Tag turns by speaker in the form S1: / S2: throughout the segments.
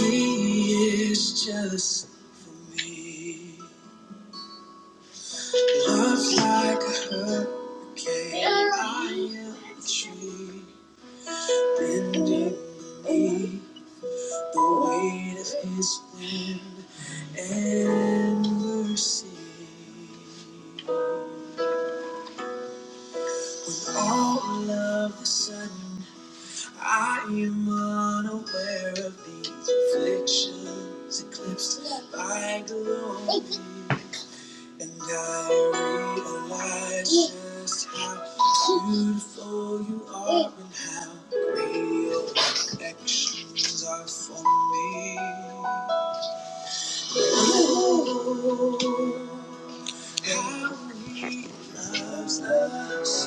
S1: He is jealous for me. Love's like a hurricane, bending beneath the weight of his wind and mercy. With all of the sudden, I am unaware of these afflictions, eclipsed by glory. And I realize just how beautiful you are and how great your affections are for me. Oh, How he loves us so.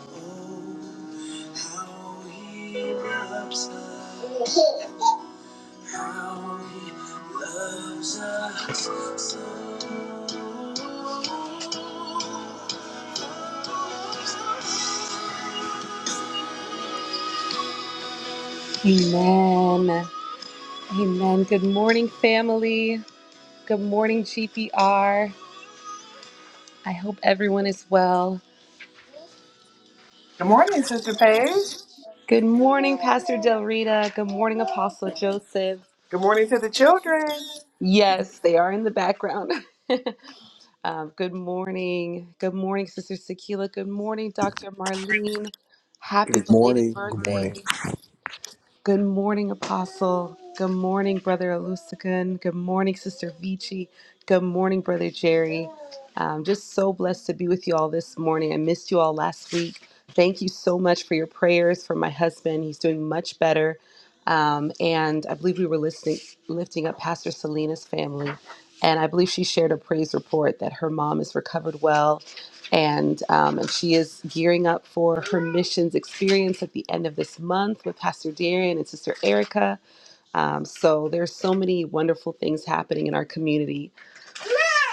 S1: Oh, How he loves us. How he loves us so. Amen. Amen. Good morning, family. Good morning, GPR. I hope everyone is well.
S2: Good morning, Sister Paige.
S1: Good morning, Pastor Del Rita. Good morning, Apostle Joseph.
S2: Good morning to the children.
S1: Yes, they are in the background. um, good morning. Good morning, Sister Sakila. Good morning, Dr. Marlene. Happy
S3: Good
S1: belated
S3: morning. Good
S1: birthday.
S3: morning.
S1: Good morning, Apostle. Good morning, Brother Alusican. Good morning, Sister Vici. Good morning, Brother Jerry. I'm just so blessed to be with you all this morning. I missed you all last week. Thank you so much for your prayers for my husband. He's doing much better. Um, and I believe we were listening, lifting up Pastor Selena's family. And I believe she shared a praise report that her mom is recovered well and um, and she is gearing up for her missions experience at the end of this month with Pastor Darian and Sister Erica. Um, so there's so many wonderful things happening in our community.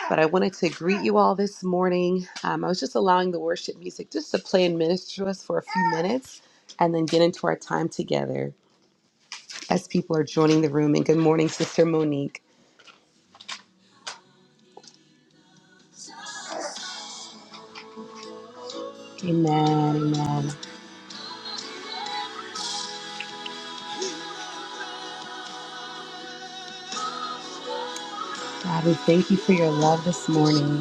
S1: But I wanted to greet you all this morning. Um, I was just allowing the worship music just to play and minister to us for a few minutes, and then get into our time together as people are joining the room. And good morning, Sister Monique. Amen. Amen. God, we thank you for your love this morning.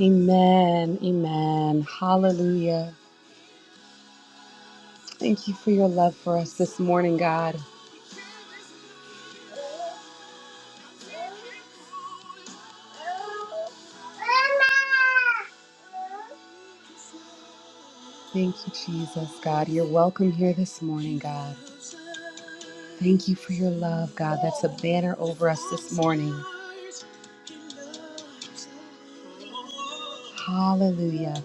S1: Amen. Amen. Hallelujah. Thank you for your love for us this morning, God. Thank you, Jesus, God. You're welcome here this morning, God. Banner this morning. Hallelujah.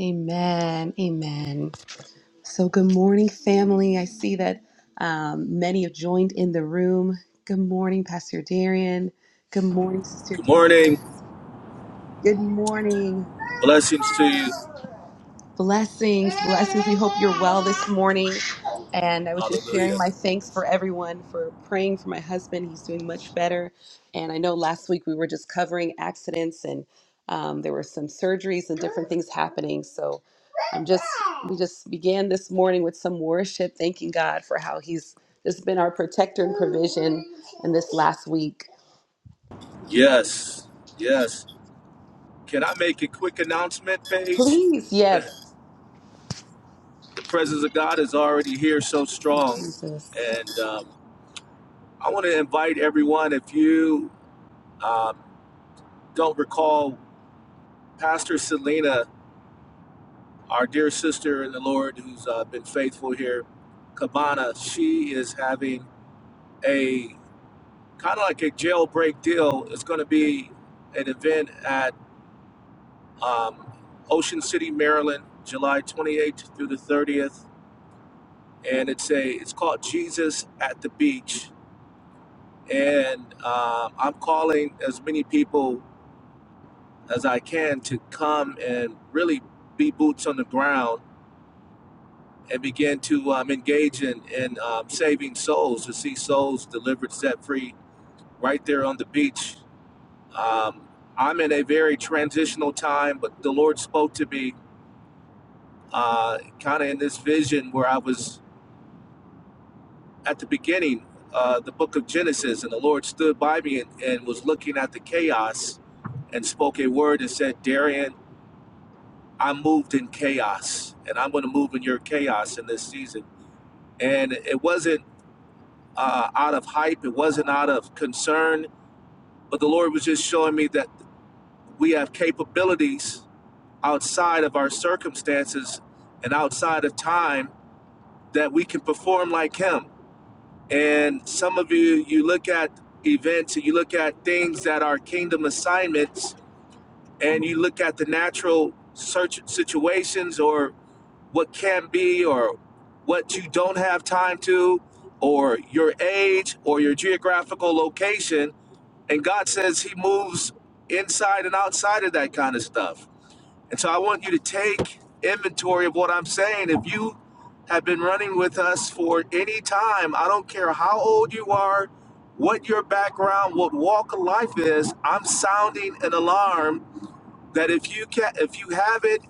S1: Amen. Amen. So, good morning, family. I see that um, many have joined in the room. Good morning, Pastor Darian. Good morning, Sister
S4: Good morning.
S1: Candace. Good morning.
S4: Blessings to you.
S1: Blessings. We hope you're well this morning. And I was just sharing
S4: Hallelujah.
S1: my thanks for everyone for praying for my husband. He's doing much better. And I know last week we were just covering accidents and um, there were some surgeries and different things happening. So I'm just, we just began this morning with some worship, thanking God for how he's just been our protector and provision in this last week.
S4: Yes. Yes. Can I make a quick announcement, Paige?
S1: Please,
S4: the
S1: yes,
S4: presence of God is already here so strong.
S1: Jesus.
S4: And um, I want to invite everyone, if you um, don't recall, Pastor Selena, our dear sister in the Lord who's uh, been faithful here, Cabana, she is having a kind of like a jailbreak deal. It's going to be an event at. um, Ocean City, Maryland, July 28th through the 30th, and it's a it's called Jesus at the Beach, and um, I'm calling as many people as I can to come and really be boots on the ground and begin to um, engage in in um, saving souls to see souls delivered, set free, right there on the beach. Um, I'm in a very transitional time, but the Lord spoke to me uh, kind of in this vision where I was at the beginning, uh, the book of Genesis, and the Lord stood by me and, and was looking at the chaos and spoke a word and said, Darian, I moved in chaos, and I'm going to move in your chaos in this season. And it wasn't uh, out of hype, it wasn't out of concern, but the Lord was just showing me that we have capabilities outside of our circumstances and outside of time that we can perform like Him And some of you, you look at events and you look at things that are kingdom assignments and you look at the natural search situations or what can be or what you don't have time to or your age or your geographical location. And God says He moves inside and outside of that kind of stuff. And so I want you to take inventory of what I'm saying. If you have been running with us for any time, I don't care how old you are, what your background, what walk of life is, I'm sounding an alarm that if you can if you have it,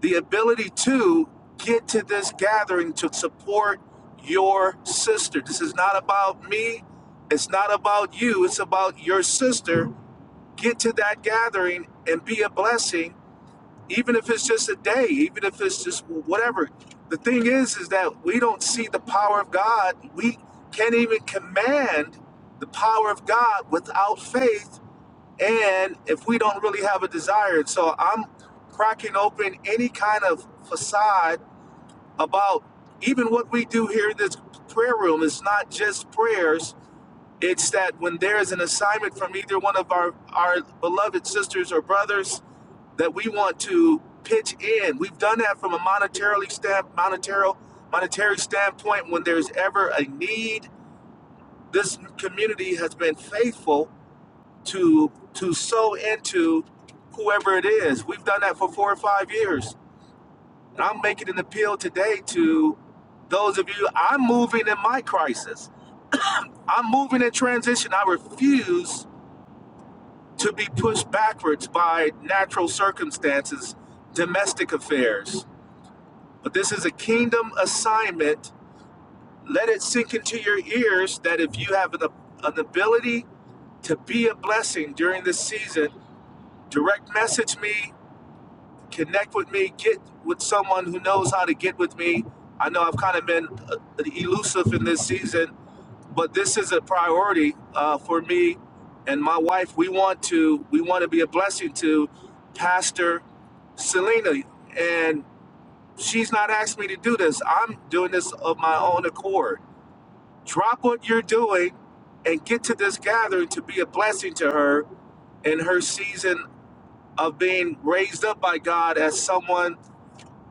S4: the ability to get to this gathering to support your sister. This is not about me. It's not about you. It's about your sister. Get to that gathering and be a blessing even if it's just a day, even if it's just whatever. The thing is, is that we don't see the power of God. We can't even command the power of God without faith, and if we don't really have a desire. And so I'm cracking open any kind of facade about even what we do here in this prayer room is not just prayers. It's that when there is an assignment from either one of our, our beloved sisters or brothers, that we want to pitch in. We've done that from a monetarily stamp, monetary, monetary standpoint. When there's ever a need, this community has been faithful to to sow into whoever it is. We've done that for four or five years, and I'm making an appeal today to those of you. I'm moving in my crisis. I'm moving in transition. I refuse to be pushed backwards by natural circumstances, domestic affairs But this is a kingdom assignment. Let it sink into your ears that if you have an, an ability to be a blessing during this season, direct message me, connect with me, get with someone who knows how to get with me. I know I've kind of been uh, elusive in this season, but this is a priority uh, for me and my wife. We want to we want to be a blessing to Pastor Selena, and She's not asking me to do this. I'm doing this of my own accord. Drop what you're doing and get to this gathering to be a blessing to her in her season of being raised up by God as someone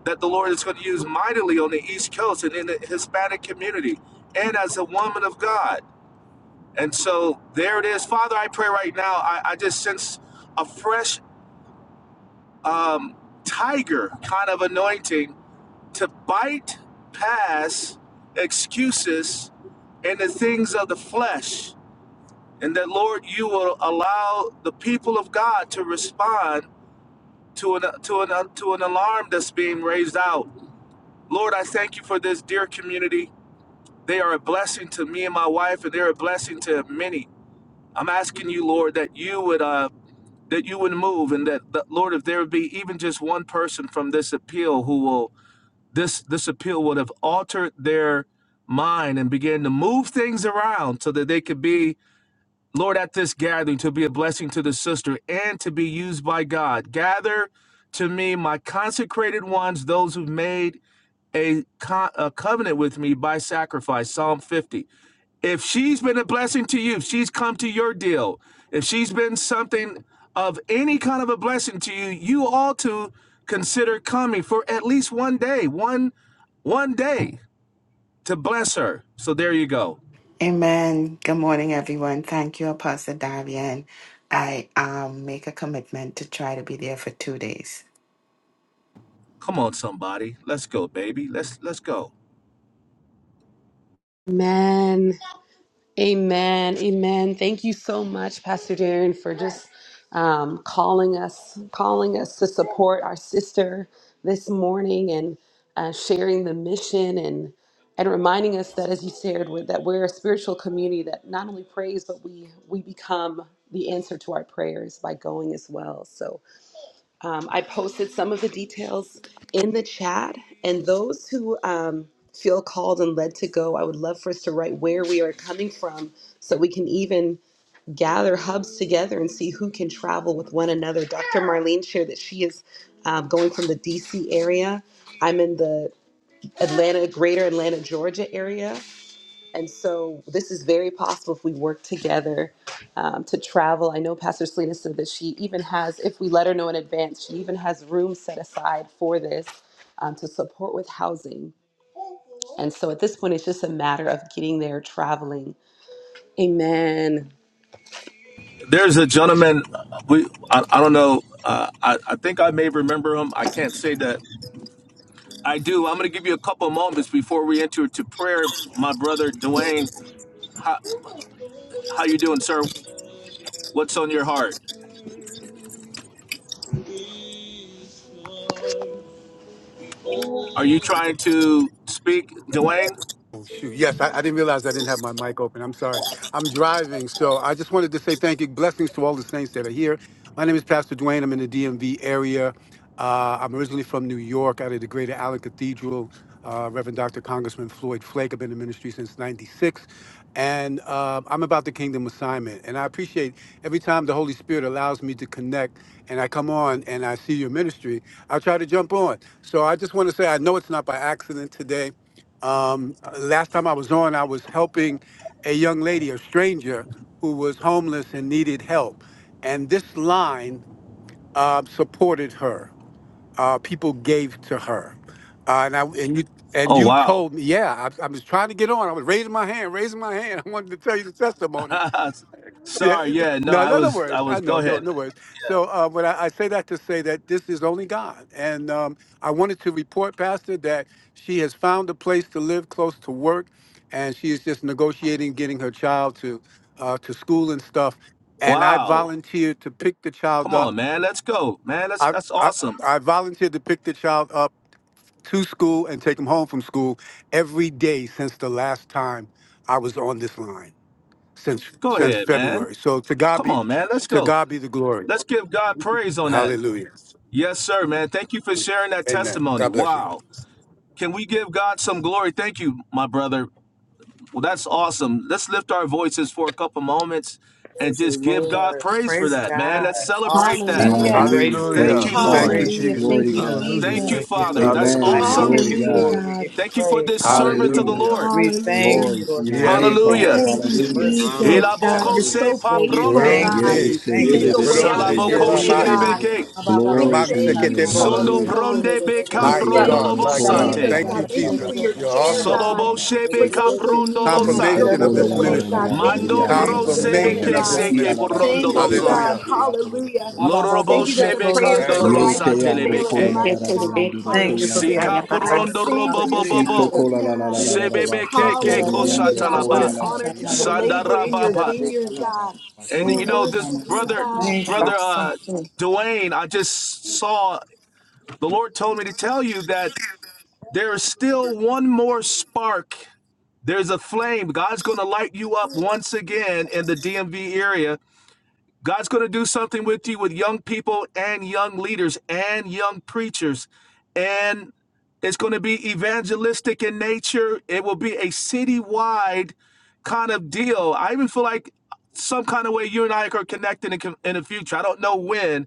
S4: that the Lord is going to use mightily on the East Coast and in the Hispanic community and as a woman of God. And so there it is. Father, I pray right now, I, I just sense a fresh um, tiger kind of anointing to bite past excuses and the things of the flesh, and that Lord, you will allow the people of God to respond to an to an to an alarm that's being raised out. Lord, I thank you for this dear community. They are a blessing to me and my wife, and they're a blessing to many. I'm asking you, Lord, that you would uh, that you would move, and that, that Lord, if there would be even just one person from this appeal who will This this appeal would have altered their mind and began to move things around so that they could be, Lord, at this gathering to be a blessing to the sister and to be used by God. Gather to me my consecrated ones, those who've made a, co- a covenant with me by sacrifice, Psalm 50. If she's been a blessing to you, if she's come to your deal, if she's been something of any kind of a blessing to you, you ought to consider coming for at least one day, one one day to bless her. So there you go.
S5: Amen. Good morning, everyone. Thank you, Apostle Darian. I um make a commitment to try to be there for two days.
S4: Come on, somebody, let's go, baby. Let's let's go.
S1: Amen. Amen. Amen. Thank you so much, Pastor Darren, for just um, calling us, calling us to support our sister this morning and uh, sharing the mission and and reminding us that, as you shared, we that we're a spiritual community that not only prays, but we we become the answer to our prayers by going as well. So um, I posted some of the details in the chat, and those who um, feel called and led to go, I would love for us to write where we are coming from so we can even gather hubs together and see who can travel with one another. Dr. Marlene shared that she is um, going from the DC area. I'm in the Atlanta, greater Atlanta, Georgia area. And so this is very possible if we work together um, to travel. I know Pastor Selena said that she even has, if we let her know in advance, she even has room set aside for this um, to support with housing. And so at this point, it's just a matter of getting there, traveling. Amen.
S4: There's a gentleman. We I, I don't know. Uh, I I think I may remember him. I can't say that I do. I'm going to give you a couple moments before we enter to prayer, my brother Dwayne. How how you doing, sir? What's on your heart? Are you trying to speak, Dwayne?
S6: Oh, shoot. Yes, I, I didn't realize I didn't have my mic open. I'm sorry. I'm driving. So I just wanted to say thank you. Blessings to all the saints that are here. My name is Pastor Dwayne. I'm in the DMV area. Uh, I'm originally from New York, out of the Greater Allen Cathedral. Uh, Reverend Dr. Congressman Floyd Flake. I've been in ministry since 96. And um, I'm about the kingdom assignment. And I appreciate every time the Holy Spirit allows me to connect and I come on and I see your ministry, I try to jump on. So I just want to say I know it's not by accident today. Um, last time I was on, I was helping a young lady, a stranger, who was homeless and needed help. And this line uh, supported her. Uh, people gave to her. Uh, and, I, and you and
S4: Oh
S6: you
S4: wow.
S6: told me, yeah, I, I was trying to get on. I was raising my hand, raising my hand. I wanted to tell you the testimony yeah,
S4: Sorry. Yeah. No.
S6: no,
S4: I
S6: no, no
S4: was.
S6: worries.
S4: I
S6: I
S4: was. Go
S6: know, no,
S4: ahead,
S6: no
S4: man.
S6: worries. So, uh, but I, I say that to say that this is only God, and um, I wanted to report, Pastor, that she has found a place to live close to work, and she is just negotiating getting her child to uh, to school and stuff. And I
S4: Wow.
S6: volunteered to pick the child
S4: Come
S6: up.
S4: on, man. Let's go, man. That's
S6: I,
S4: that's
S6: I
S4: awesome.
S6: I volunteered to pick the child up to school and take him home from school every day since the last time I was on this line since
S4: Go
S6: since
S4: ahead, man.
S6: February. So to God
S4: Come
S6: be
S4: on, man. Let's
S6: to
S4: go.
S6: God be the glory.
S4: Let's give God praise on that.
S6: Hallelujah.
S4: Yes, sir, man. Thank you for sharing that
S6: Amen.
S4: testimony.
S6: God bless you.
S4: Wow. Can we give God some glory? Thank you, my brother. Well, that's awesome. Let's lift our voices for a couple moments and
S2: Praise the
S4: just give God
S2: Lord.
S4: praise for
S2: Praise
S4: that, man.
S2: God.
S4: Let's celebrate
S2: Awesome.
S4: that.
S2: Lord, we
S1: Hallelujah.
S2: praise
S3: Hallelujah.
S2: you.
S4: Thank
S6: Hallelujah.
S3: Praise
S4: you,
S6: Thank
S4: Lord.
S3: God.
S6: you,
S2: Praise you
S1: Hallelujah.
S2: for
S1: Thank
S3: Glory
S1: you,
S3: to
S6: Jesus.
S2: moving,
S3: God.
S7: Hallelujah.
S2: Lord, in
S4: Thank you,
S2: this
S7: Thank
S1: Jesus.
S7: you,
S4: Father.
S7: Father.
S4: That's
S2: generation's life.
S3: Amen.
S2: We
S6: Hallelujah.
S4: awesome.
S2: give
S3: Glory to
S2: you
S1: Hallelujah,
S3: God.
S2: glory. We
S1: God.
S2: give you
S4: Thank you for this
S2: praise.
S4: servant of
S2: Hallelujah.
S4: the
S3: Hallelujah.
S6: Hallelujah.
S4: Lord.
S2: We thank
S1: Hallelujah.
S2: you,
S3: Glory to
S2: Lord
S3: your
S2: God, for
S6: Yes,
S2: your
S3: name, Father.
S4: Hallelujah.
S2: goodness,
S1: Thank you,
S2: your
S6: Jesus.
S3: Hallelujah.
S2: mercy,
S7: No, no, no, no,
S2: endureth
S1: Jesus, God.
S7: no.
S2: forever.
S7: no.
S1: You're
S3: Hallelujah.
S4: Elabokose
S1: so
S2: Lord, we
S1: faithful,
S4: papronde.
S2: thank you.
S1: God.
S6: Ronde.
S2: We
S3: Yes, eh,
S1: You
S2: thank
S1: make
S3: que
S7: Baby,
S2: you,
S1: a
S3: ando
S1: way
S7: baby,
S1: out
S6: Ronde
S3: con
S1: of
S7: shit,
S3: la
S6: ke
S1: no
S7: take it
S3: baba,
S1: way,
S4: Salabokoshe
S2: Hallelujah.
S7: about
S3: sí,
S7: some.
S3: ando.
S1: God.
S6: babashia.
S4: lebeke.
S1: We
S3: Glory to
S6: Romanse
S3: your
S1: thank
S6: ke
S1: you,
S6: te
S3: name.
S4: Sondo
S1: Father,
S3: Hallelujah.
S6: bosia.
S4: bronde
S1: God.
S4: beka
S1: I
S3: Eh,
S6: My
S3: que
S1: thank
S6: God,
S1: you,
S3: ando
S6: my
S3: con la la
S6: God.
S3: la
S4: prondolobosate.
S3: la
S1: Jesus,
S6: Thank
S3: la
S6: you,
S1: God. Thank
S3: ba,
S1: you
S3: ba,
S1: for
S3: ba,
S6: Jesus.
S1: your
S3: ba,
S6: You're
S1: care,
S3: shanda
S6: also
S3: la la
S1: God.
S3: la la ba,
S4: Soloboshe
S1: For
S3: sí.
S4: beka
S1: those in need, God. You
S4: prondolosa.
S3: Yisho
S2: Thank
S1: don't
S6: confirmation
S3: ko
S6: of
S1: look
S3: la
S2: you,
S6: this
S3: la la
S1: away,
S3: la
S1: God.
S3: la
S6: ministry.
S3: la la,
S1: Thank you
S4: Mando
S1: for
S3: yando la la
S1: meeting
S3: la
S1: this
S3: la,
S2: thank
S1: woman,
S6: Confirmation
S2: you,
S3: yando
S4: brosebeke
S6: of
S3: la,
S1: God.
S6: this
S2: thank
S3: kia
S4: seke
S2: you,
S3: la la
S6: ministry.
S2: thank
S3: la la,
S7: Baby,
S1: Thank
S2: you.
S1: you,
S2: Hey,
S3: yato la
S2: ba,
S4: porondoloso.
S7: baby,
S3: la
S2: ba,
S1: God.
S6: Hallelujah.
S3: la,
S7: shit.
S3: yato la
S1: Hallelujah.
S3: la la la.
S4: Lorobo
S1: Thank you that the
S4: shebe
S1: prayers
S4: kando
S1: of
S6: Thank
S1: the
S6: you.
S3: Yete
S4: rosa
S1: righteous
S3: yando
S1: availeth
S3: kola
S4: telebeke.
S3: la
S5: Okay,
S1: much,
S3: la la
S5: to
S3: la
S5: the
S1: God.
S5: day
S3: yando
S5: for
S3: do
S5: your
S2: Thank you
S3: koya
S2: for
S5: son,
S3: la la
S1: Hallelujah.
S2: being
S5: by
S2: a
S3: la la.
S4: Sika
S5: your Baba,
S2: provider.
S4: purondo
S5: see
S1: Thank
S5: for
S4: robo
S1: you,
S4: bobo
S2: Hallelujah. Ha,
S3: Shito
S4: bo.
S2: da,
S1: Jesus,
S3: kola
S2: da,
S3: la la
S2: da,
S1: God.
S3: la
S2: da,
S3: la
S2: da,
S3: la
S2: da.
S3: la ba
S4: Sebebe
S3: sha
S4: ke ke
S3: tele
S2: Ba, ba,
S3: le
S2: ba, ba,
S4: kosha
S1: Hallelujah,
S3: yando
S2: ba,
S1: God.
S2: ba,
S1: What
S2: bo,
S4: talaba.
S3: koya
S1: an
S3: la
S2: sa,
S3: la la
S1: honor
S2: sa,
S1: to
S2: sa,
S1: be a
S2: ba,
S3: yando
S2: ba.
S3: la la la
S1: laborer
S3: la
S1: in
S3: la la
S1: your
S2: Da, da,
S3: ba
S4: Sandarabapa.
S2: da,
S3: ba ba
S1: vineyard,
S2: da.
S3: ba ba
S1: God.
S3: ba
S4: And
S1: We
S2: So,
S4: you
S3: shika.
S2: da,
S4: know,
S2: da,
S4: this
S2: da,
S1: worship
S2: ma,
S1: you,
S2: sa.
S4: brother,
S1: God.
S2: Thank you.
S4: brother uh
S5: something.
S4: Dwayne, I just saw the Lord told me to tell you that there is still one more spark. There's a flame. God's gonna light you up once again in the DMV area God's going to do something with you with young people and young leaders and young preachers. And it's going to be evangelistic in nature. It will be a citywide kind of deal. I even feel like some kind of way you and I are connected in, in the future. I don't know when,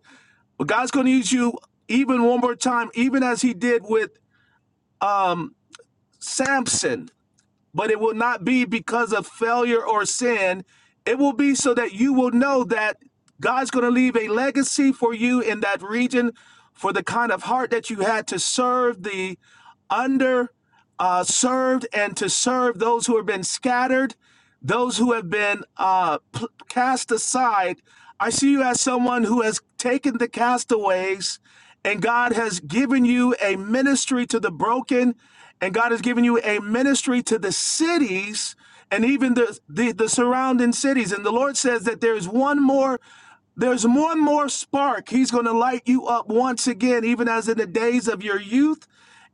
S4: but God's going to use you even one more time, even as He did with um, Samson but it will not be because of failure or sin. It will be so that you will know that God's going to leave a legacy for you in that region for the kind of heart that you had to serve the under uh, served and to serve those who have been scattered, those who have been uh, cast aside. I see you as someone who has taken the castaways and God has given you a ministry to the broken, and God has given you a ministry to the cities and even the, the, the surrounding cities. And the Lord says that there's one more there's one more spark. He's going to light you up once again, even as in the days of your youth.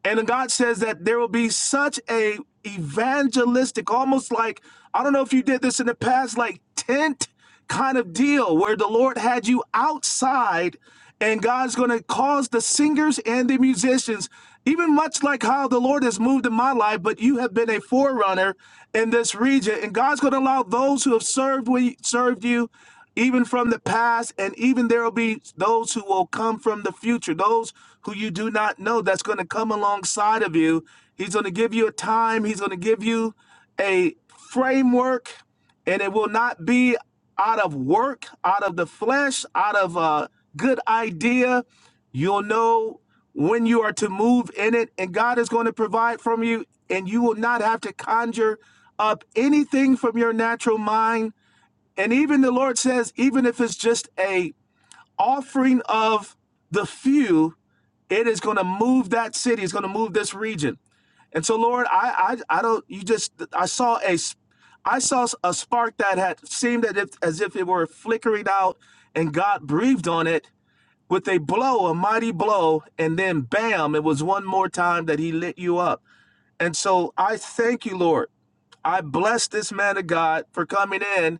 S4: And God says that there will be such a evangelistic, almost like I don't know if you did this in the past, like tent kind of deal, where the Lord had you outside, and God's going to cause the singers and the musicians, even much like how the Lord has moved in my life, but you have been a forerunner in this region, and God's going to allow those who have served we served you even from the past, and even there will be those who will come from the future, those who you do not know that's going to come alongside of you. He's going to give you a time, he's going to give you a framework, and it will not be out of work, out of the flesh, out of a good idea. You'll know when you are to move in it, and God is going to provide from you, and you will not have to conjure up anything from your natural mind and even the Lord says, even if it's just a offering of the few, it is going to move that city. It's going to move this region. And so, Lord, I, I, I don't. You just, I saw a, s- I saw a spark that had seemed as if, as if it were flickering out, and God breathed on it with a blow, a mighty blow, and then bam, it was one more time that He lit you up. And so, I thank you, Lord. I bless this man of God for coming in,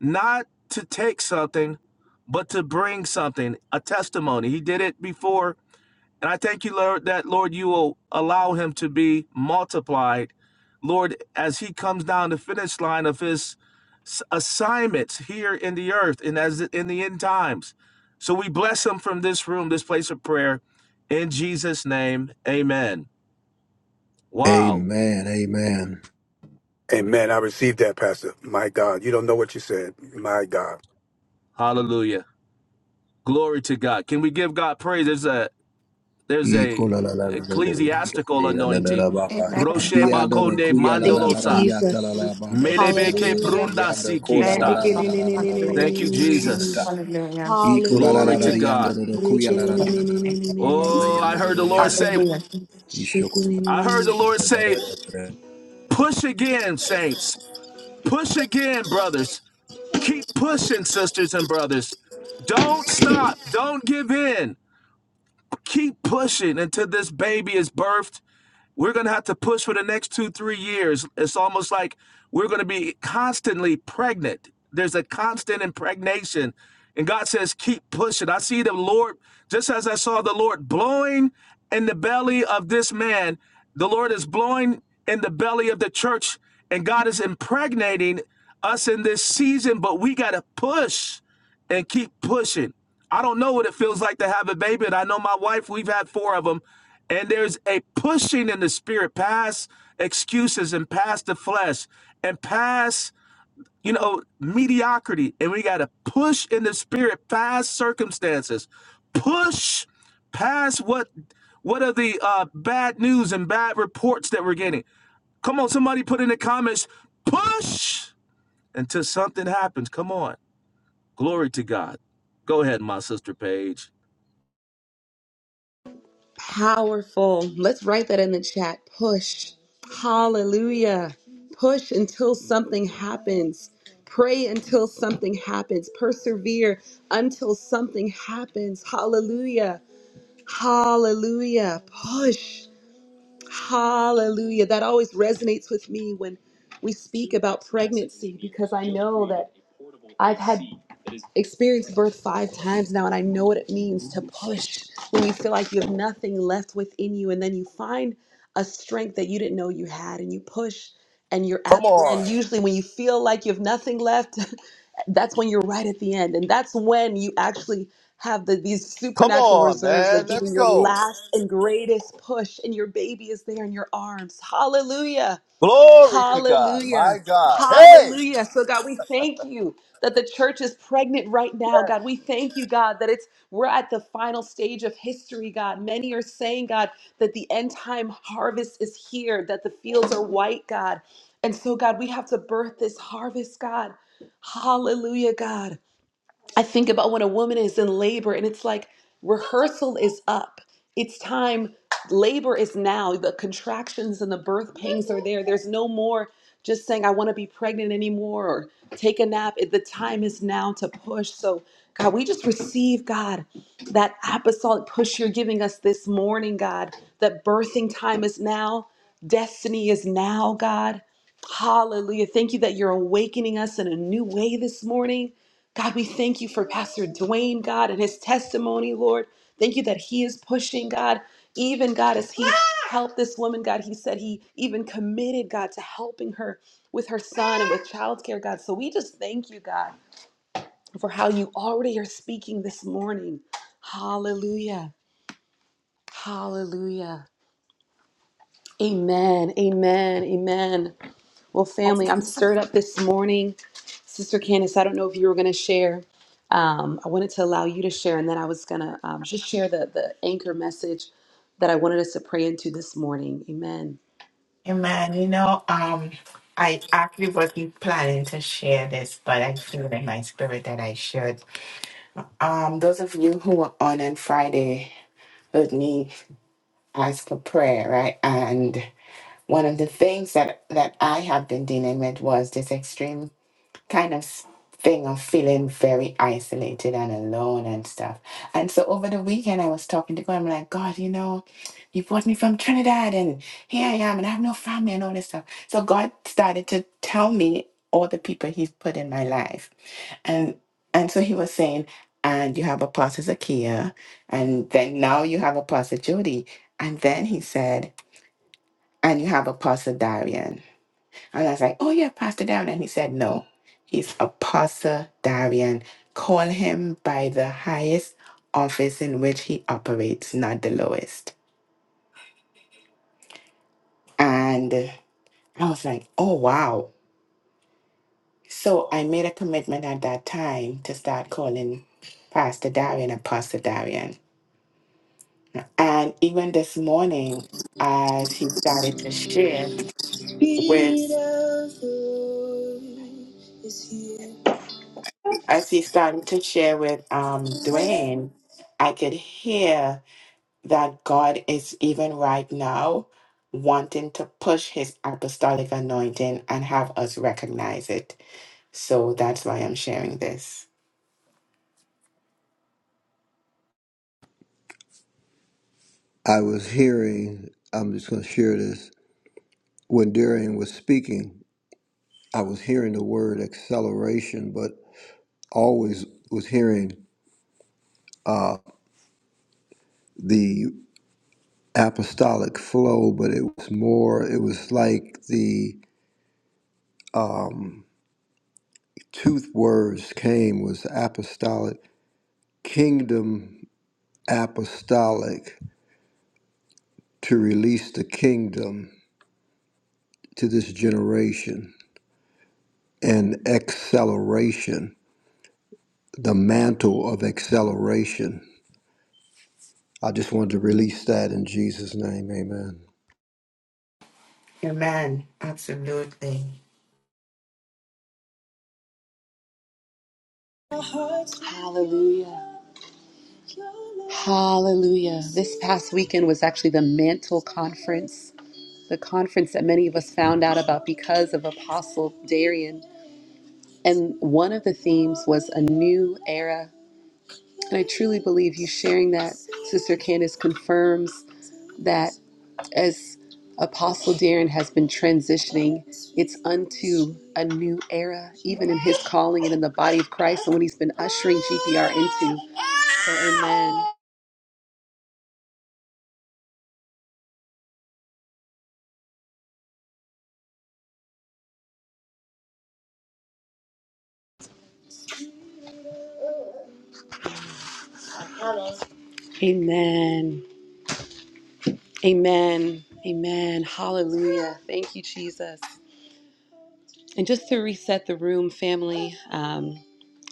S4: not to take something, but to bring something, a testimony. He did it before. And I thank you, Lord, that, Lord, you will allow him to be multiplied. Lord, as he comes down the finish line of his s- assignments here in the earth and as in the end times. So we bless him from this room, this place of prayer. In Jesus' name, amen. Wow.
S3: Amen, amen.
S6: Amen. I received that, Pastor. My God. You don't know what you said. My God.
S4: Hallelujah. Glory to God. Can we give God praise? There's a there's
S3: E
S4: a
S3: kola la la la la la yando
S4: ecclesiastical
S3: koya la la
S4: anointing.
S3: ba ba.
S5: Amen.
S3: Shati
S4: Roche
S3: yando do
S5: Hallelujah.
S4: bakonde
S3: koya la
S1: Thank
S3: la
S1: you,
S3: la la
S4: mandolosa.
S3: yata la
S1: Jesus.
S5: Hallelujah.
S3: la ba
S5: Praise
S3: ba
S5: the
S3: ba
S4: Melebeke
S3: ba
S5: Lord.
S3: ba
S1: Hallelujah.
S3: ba
S4: prunda
S3: yando kola la
S5: Amen.
S4: sikista.
S3: la la la la la la ba ba
S5: Hallelujah.
S4: Thank you,
S3: ba shita.
S4: Jesus.
S5: Hallelujah.
S3: E
S1: Hallelujah.
S3: kola la
S4: Glory
S3: la la
S4: to
S3: la yando
S4: God.
S3: do koya la la la la la la ba ba ba ba
S4: Oh, I
S3: yando
S4: heard
S3: do
S4: the Lord
S3: yando. la
S4: say,
S3: la.
S4: I heard the Lord say, push again, saints. Push again, brothers. Keep pushing, sisters and brothers. Don't stop. Don't give in. Keep pushing until this baby is birthed We're going to have to push for the next two, three years. It's almost like we're going to be constantly pregnant. There's a constant impregnation. And God says, keep pushing. I see the Lord, just as I saw the Lord blowing in the belly of this man, the Lord is blowing in the belly of the church, and God is impregnating us in this season, but we got to push and keep pushing. I don't know what it feels like to have a baby, and I know my wife, we've had four of them, and there's a pushing in the spirit past excuses and past the flesh and past, you know, mediocrity. And we got to push in the spirit past circumstances, push past what what are the uh, bad news and bad reports that we're getting. Come on, somebody put in the comments, push until something happens. Come on. Glory to God. Go ahead, my sister Paige.
S1: Powerful. Let's write that in the chat. Push. Hallelujah. Push until something happens. Pray until something happens. Persevere until something happens. Hallelujah. Hallelujah. Push. Hallelujah. That always resonates with me when we speak about pregnancy because I know that I've had experienced birth five times now and I know what it means to push when you feel like you have nothing left within you and then you find a strength that you didn't know you had and you push and you're at
S4: Come
S1: the end.
S4: on.
S1: Usually when you feel like you have nothing left, that's when you're right at the end and that's when you actually have the, these
S4: Come
S1: supernatural
S4: on,
S1: reserves of
S4: man. Let's
S1: giving your
S4: go.
S1: last and greatest push and your baby is there in your arms hallelujah
S4: Glory to God,
S1: Hallelujah.
S4: my God. Hey,
S1: Hallelujah. So God, we thank you that the church is pregnant right now. God, we thank you, God, that it's we're at the final stage of history, God. Many are saying, God, that the end time harvest is here, that the fields are white, God. And so God, we have to birth this harvest, God. Hallelujah, God. I think about when a woman is in labor and it's like rehearsal is up. It's time, labor is now. The contractions and the birth pains are there. There's no more just saying, I want to be pregnant anymore or take a nap. It- The time is now to push. So, God, we just receive, God, that apostolic push you're giving us this morning, God, that birthing time is now, destiny is now, God. Hallelujah. Thank you that you're awakening us in a new way this morning. God, we thank you for Pastor Dwayne, God, and his testimony, Lord. Thank you that he is pushing, God. Even God, as he helped this woman, God, he said he even committed, God, to helping her with her son and with childcare, God. So we just thank you, God, for how you already are speaking this morning. Hallelujah. Hallelujah. Amen. Amen. Amen. Well, family, I'm
S5: Hallelujah.
S1: stirred up this morning. Sister Candace, I don't know if you were going to share. Um, I wanted to allow you to share, and then I was going to um, just share the, the anchor message that I wanted us to pray into this morning. Amen.
S5: Amen. You know, um, I actually wasn't planning to share this, but I feel in my spirit that I should. Um, those of you who were on on Friday heard me ask for prayer, right? And one of the things that that I have been dealing with was this extreme kind of s- thing of feeling very isolated and alone and stuff. And so over the weekend, I was talking to God. I'm like, God, you know, you brought me from Trinidad and here I am and I have no family and all this stuff. So God started to tell me all the people He's put in my life. And and so He was saying, and you have Apostle Zakia, and then now you have Apostle Jody. And then He said, and you have Apostle Darian. And I was like, oh, yeah, Pastor Darian. And he said, no, he's Apostle Darian. Call him by the highest office in which he operates, not the lowest. And I was like, oh, wow. So I made a commitment at that time to start calling Pastor Darian Apostle Darian. And even this morning, as he started to share with, as he started to share with um, Dwayne, I could hear that God is even right now wanting to push his apostolic anointing and have us recognize it. So that's why I'm sharing this.
S3: I was hearing, I'm just going to share this. When Darian was speaking, I was hearing the word acceleration, but always was hearing the apostolic flow, but it was more, it was like the tooth words came was apostolic, kingdom apostolic, to release the kingdom to this generation and acceleration, the mantle of acceleration I just wanted to release that in Jesus' name. Amen.
S5: Amen. Absolutely.
S1: Hallelujah. Hallelujah. This past weekend was actually the Mantle Conference, the conference that many of us found out about because of Apostle Darian. And one of the themes was a new era. And I truly believe you sharing that, Sister Candace, confirms that. As Apostle Darren has been transitioning, it's unto a new era, even in his calling and in the body of Christ, and what he's been ushering GPR into. So, amen. Amen. Amen. Amen. Hallelujah. Thank you, Jesus. And just to reset the room, family, um,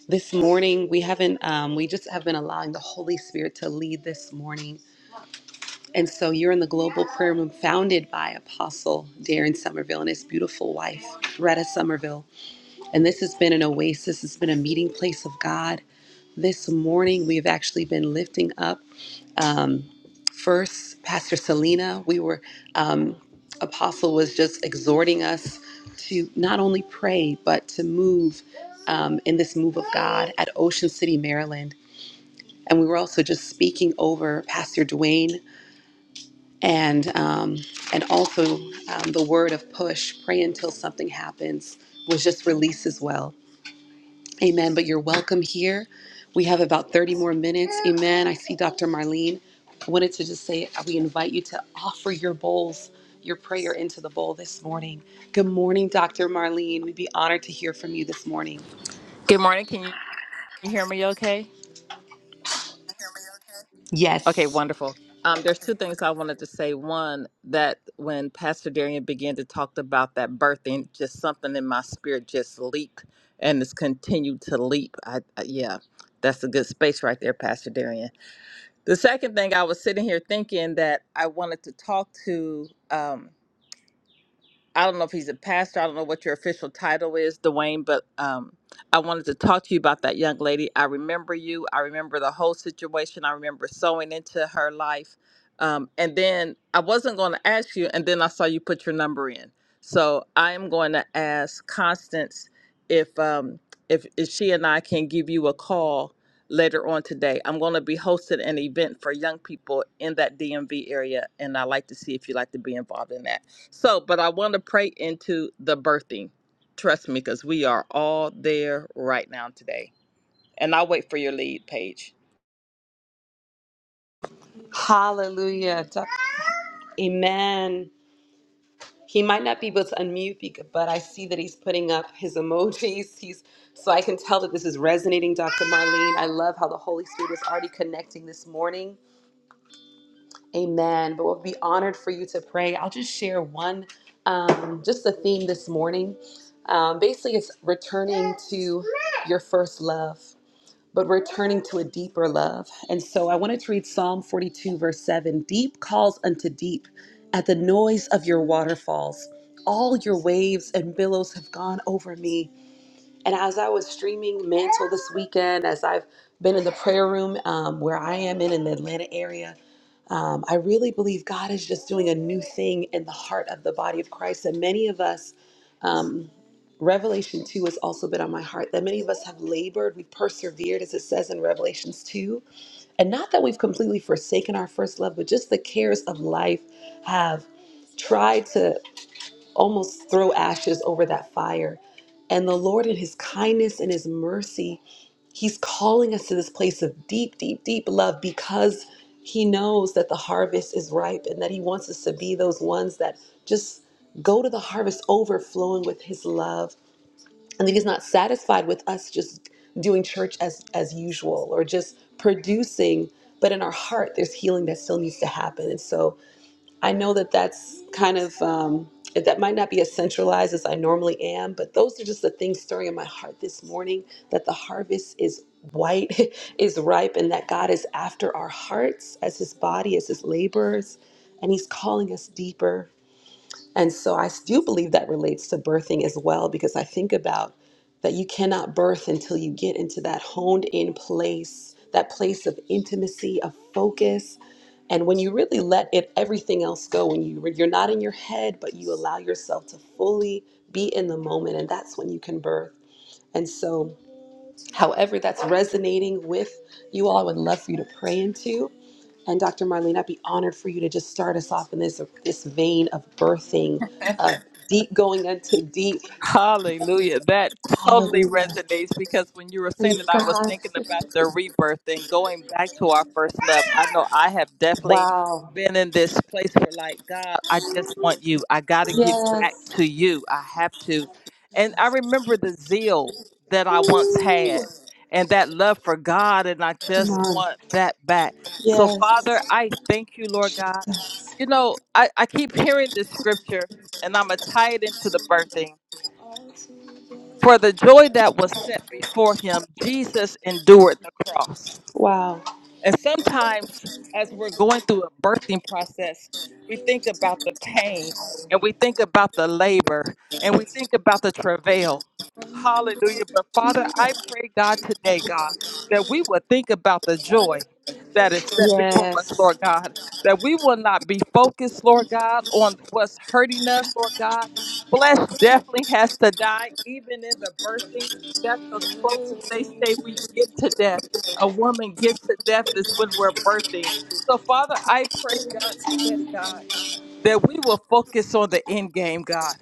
S1: this morning we haven't, um, we just have been allowing the Holy Spirit to lead this morning. And so you're in the global prayer room founded by Apostle Darren Somerville and his beautiful wife, Retta Somerville. And this has been an oasis, it's been a meeting place of God. This morning, we have actually been lifting up um, first Pastor Selena. We were, um, Apostle was just exhorting us to not only pray, but to move um, in this move of God at Ocean City, Maryland. And we were also just speaking over Pastor Dwayne and um, and also um, the word of push pray until something happens was just released as well amen but you're welcome here we have about 30 more minutes amen i see dr marlene I wanted to just say uh, we invite you to offer your bowls your prayer into the bowl this morning good morning dr marlene we'd be honored to hear from you this morning
S8: Good morning. Can you hear me okay? Okay,
S1: yes
S8: wonderful. Um, there's two things I wanted to say. One, that when Pastor Darian began to talk about that birthing, just something in my spirit just leaped and it's continued to leap. I, I yeah, that's a good space right there, Pastor Darian. The second thing I was sitting here thinking that I wanted to talk to. Um, I don't know if he's a pastor. I don't know what your official title is, Dwayne, but um, I wanted to talk to you about that young lady. I remember you. I remember the whole situation. I remember sewing into her life. Um, and then I wasn't going to ask you, and then I saw you put your number in. So I am going to ask Constance if um, if, if she and I can give you a call later on today. I'm going to be hosting an event for young people in that DMV area, and I'd like to see if you'd like to be involved in that. So, but I want to pray into the birthing. Trust me, because we are all there right now today. And I'll wait for your lead, Paige.
S1: hallelujah Doc- amen he might not be able to unmute bec- but i see that he's putting up his emojis he's so i can tell that this is resonating dr marlene i love how the holy spirit is already connecting this morning amen but we'll be honored for you to pray i'll just share one um, just the theme this morning um, basically it's returning to your first love but returning to a deeper love. And so I wanted to read Psalm 42, verse 7 Deep calls unto deep at the noise of your waterfalls. All your waves and billows have gone over me. And as I was streaming Mantle this weekend, as I've been in the prayer room um, where I am in in the Atlanta area, um, I really believe God is just doing a new thing in the heart of the body of Christ. And many of us, um, Revelation 2 has also been on my heart that many of us have labored, we've persevered, as it says in Revelations 2. And not that we've completely forsaken our first love, but just the cares of life have tried to almost throw ashes over that fire. And the Lord, in His kindness and His mercy, He's calling us to this place of deep, deep, deep love because He knows that the harvest is ripe and that He wants us to be those ones that just go to the harvest overflowing with His love. And that He's not satisfied with us just doing church as, as usual or just producing, but in our heart, there's healing that still needs to happen. And so, I know that that's kind of um, that might not be as centralized as I normally am, but those are just the things stirring in my heart this morning. That the harvest is white, is ripe, and that God is after our hearts as His body, as His laborers, and He's calling us deeper. And so I do believe that relates to birthing as well, because I think about that you cannot birth until you get into that honed in place, that place of intimacy, of focus. And when you really let it everything else go, when you you're not in your head, but you allow yourself to fully be in the moment, and that's when you can birth. And so however that's resonating with you all, I would love for you to pray into. And Dr. Marlene, I'd be honored for you to just start us off in this this vein of birthing, of deep going unto deep.
S8: Hallelujah. That totally
S1: Hallelujah.
S8: resonates because when you were saying it,
S1: Praise
S8: I was thinking about the rebirth and going back to our first love. I know I have
S1: God.
S8: definitely
S1: Wow.
S8: been in this place where, like, God, I just want you. I got to get back
S1: Yes.
S8: to you. I have to. And I remember the zeal that I once had and that love for God, and I
S1: Come
S8: just
S1: on.
S8: want that back. So, Father,
S1: Yes.
S8: I thank you, Lord God. You know, I, I keep hearing this scripture, and I'm going to tie it into the birthing for the joy that was set before him, Jesus endured the cross,
S1: Wow.
S8: and sometimes, as we're going through a birthing process, we think about the pain and we think about the labor and we think about the travail. Hallelujah. But Father, I pray, God, today, God, that we will think about the joy that is set before us,
S1: Yes.
S8: Lord God, that we will not be focused, Lord God, on what's hurting us, Lord God. Flesh definitely has to die, even in the birthing. That's the closest they say we get to death a woman gets to death is when we're birthing. So, Father, I pray, God, today, God, that we will focus on the end game, God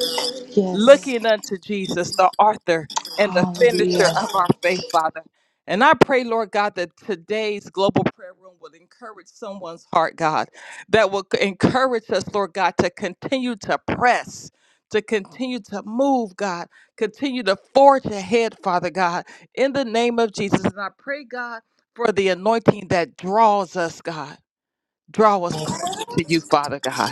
S1: Yes.
S8: looking unto Jesus, the author and the finisher
S1: Hallelujah.
S8: of our faith, Father. And I pray, Lord God, that today's global prayer room will encourage someone's heart, God, that will c- encourage us, Lord God, to continue to press, to continue to move, God, continue to forge ahead, Father God, in the name of Jesus. And I pray, God, for the anointing that draws us, God, draw us closer to you, Father God.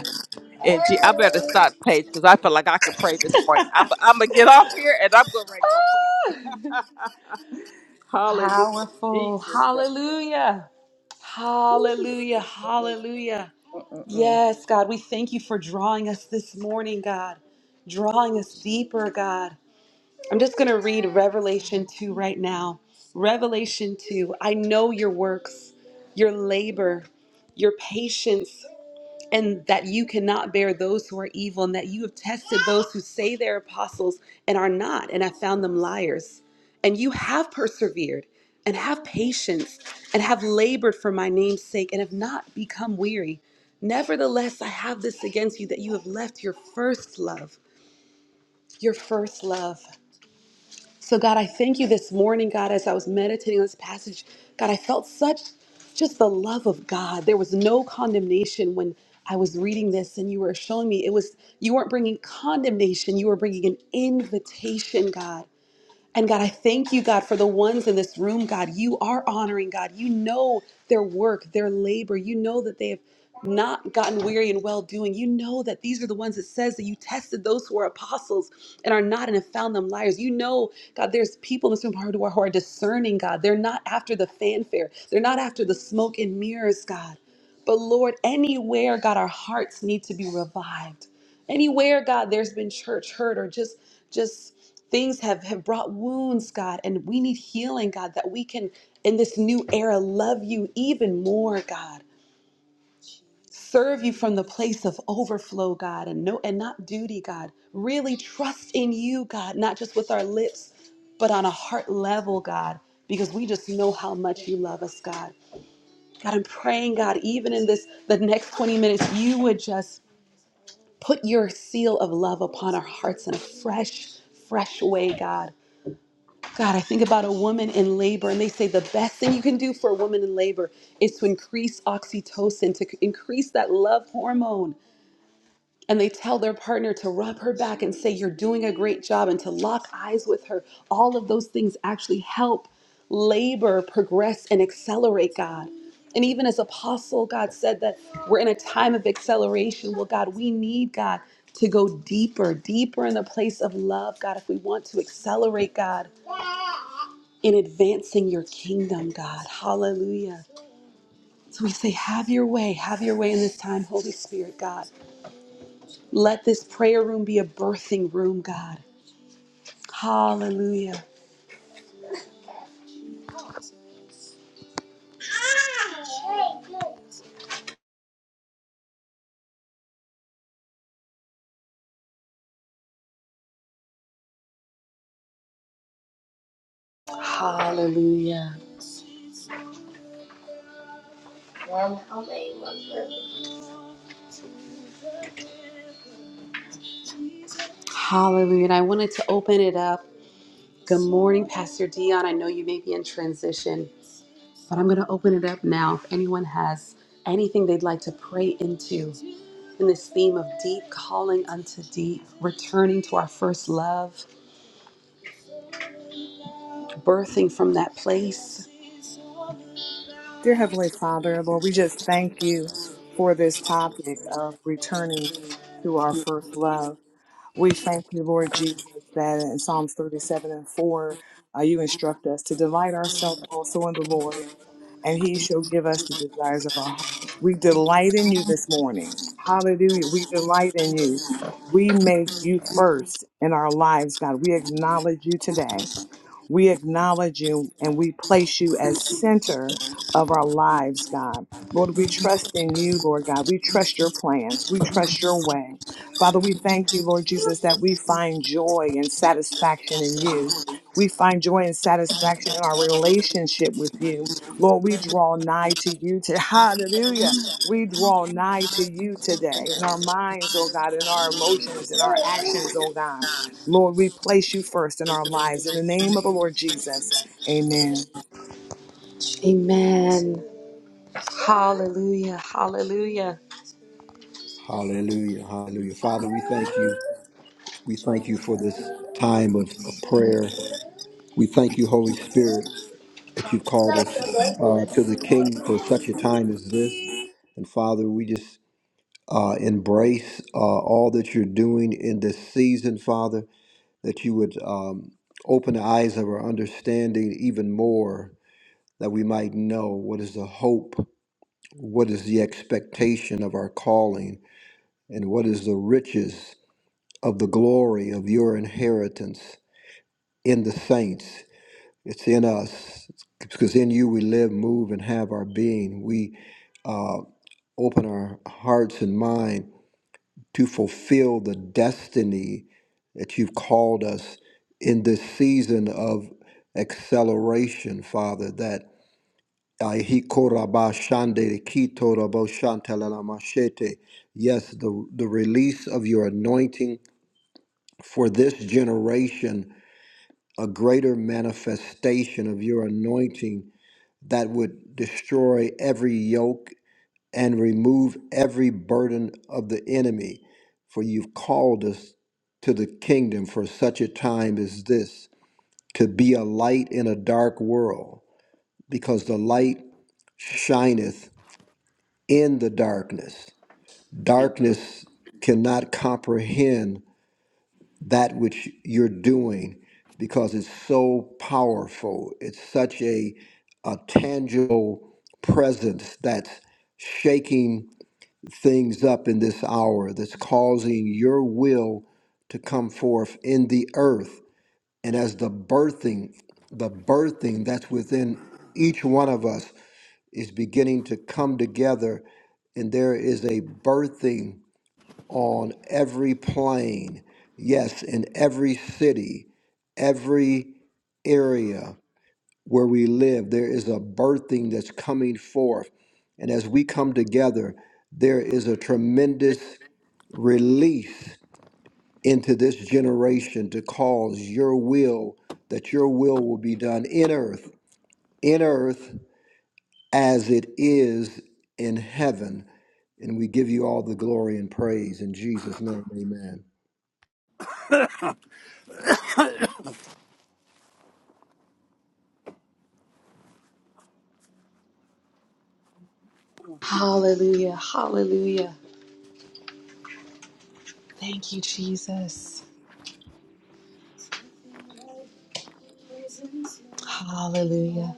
S8: And gee, I better stop, Paige, because I feel like I can pray this morning. I'm, I'm gonna get off here and I'm gonna go pray. Hallelujah,
S1: Powerful.
S8: Jesus
S1: Hallelujah. Hallelujah. Hallelujah.
S8: name.
S1: Yes, God, we thank you for drawing us this morning, God, drawing us deeper, God. I'm just going to read Revelation 2 right now. Revelation 2. I know your works, your labor, your patience and that you cannot bear those who are evil, and that you have tested those who say they're apostles and are not, and have found them liars. And you have persevered, and have patience, and have labored for my name's sake, and have not become weary. Nevertheless, I have this against you that you have left your first love. Your first love. So, God, I thank you this morning, God, as I was meditating on this passage. God, I felt such just the love of God. There was no condemnation when I was reading this and you were showing me it was you weren't bringing condemnation, you were bringing an invitation, God. And God, I thank you, God, for the ones in this room, God. You are honoring, God. You know their work, their labor. You know that they have not gotten weary in well doing. You know that these are the ones that says that you tested those who are apostles and are not and have found them liars. You know, God, there's people in this room who are, who are discerning, God. They're not after the fanfare, they're not after the smoke and mirrors, God. But Lord, anywhere, God, our hearts need to be revived. Anywhere, God, there's been church hurt or just, just, things have, have brought wounds, God, and we need healing, God, that we can, in this new era, love you even more, God. Serve you from the place of overflow, God, and no and not duty, God. Really trust in you, God, not just with our lips, but on a heart level, God, because we just know how much you love us, God. God, I'm praying, God, even in this the next 20 minutes, you would just put your seal of love upon our hearts in a fresh, fresh way, God. God, I think about a woman in labor, and they say the best thing you can do for a woman in labor is to increase oxytocin, to c- increase that love hormone. And they tell their partner to rub her back and say, You're doing a great job, and to lock eyes with her. All of those things actually help labor progress and accelerate, God. And even as apostle, God said that we're in a time of acceleration. Well, God, we need God to go deeper, deeper in the place of love, God, if we want to accelerate, God in advancing your kingdom, God. Hallelujah. So we say, have your way, have your way in this time, Holy Spirit, God. Let this prayer room be a birthing room, God. Hallelujah. Hallelujah. Hallelujah. And I wanted to open it up. Good morning, Pastor Dion. I know you may be in transition, but I'm going to open it up now. If anyone has anything they'd like to pray into in this theme of deep calling unto deep, returning to our first love, birthing from that place.
S2: Dear Heavenly Father, Lord, we just thank you for this topic of returning to our first love. We thank you, Lord Jesus, that in Psalms 37 and 4, uh, you instruct us to delight ourselves also in the Lord, and he shall give us the desires of our heart. We delight in you this morning. Hallelujah. We delight in you. We make you first in our lives, God. We acknowledge you today. We acknowledge you and we place you as center of our lives, God. Lord, we trust in you, Lord God. We trust your plans. We trust your way. Father, we thank you, Lord Jesus, that we find joy and satisfaction in you. We find joy and satisfaction in our relationship with you. Lord, we draw nigh to you to hallelujah. We draw nigh to you today in our minds, oh God, in our emotions, in our actions, oh God. Lord, we place you first in our lives. In the name of the Lord Jesus, amen.
S1: Amen. Hallelujah. Hallelujah.
S3: Hallelujah. Hallelujah. Father, we thank you. We thank you for this time of, of prayer. We thank you, Holy Spirit, that you've called us uh, to the King for such a time as this. And Father, we just uh, embrace uh, all that you're doing in this season, Father, that you would um, open the eyes of our understanding even more, that we might know what is the hope, what is the expectation of our calling And what is the riches of the glory of your inheritance in the saints? It's in us, because in you we live, move, and have our being. We uh, open our hearts and mind to fulfill the destiny that you've called us in this season of acceleration, Father. That Aihi koraba shande uh, he korabashande, kitoraboshantalamashete. yes, the, the release of your anointing for this generation a greater manifestation of your anointing that would destroy every yoke and remove every burden of the enemy. For you've called us to the kingdom for such a time as this, to be a light in a dark world, because the light shineth in the darkness. Darkness cannot comprehend that which you're doing because it's so powerful. It's such a, a tangible presence that's shaking things up in this hour, that's causing your will to come forth in the earth. And as the birthing, the birthing that's within each one of us is beginning to come together, and there is a birthing on every plane, yes, in every city every area where we live, there is a birthing that's coming forth. And as we come together, there is a tremendous release into this generation to cause your will, that your will will be done in earth, in earth as it is in heaven. And we give you all the glory and praise in Jesus' name. Amen.
S1: Hallelujah. Hallelujah. Thank you, Jesus. Hallelujah.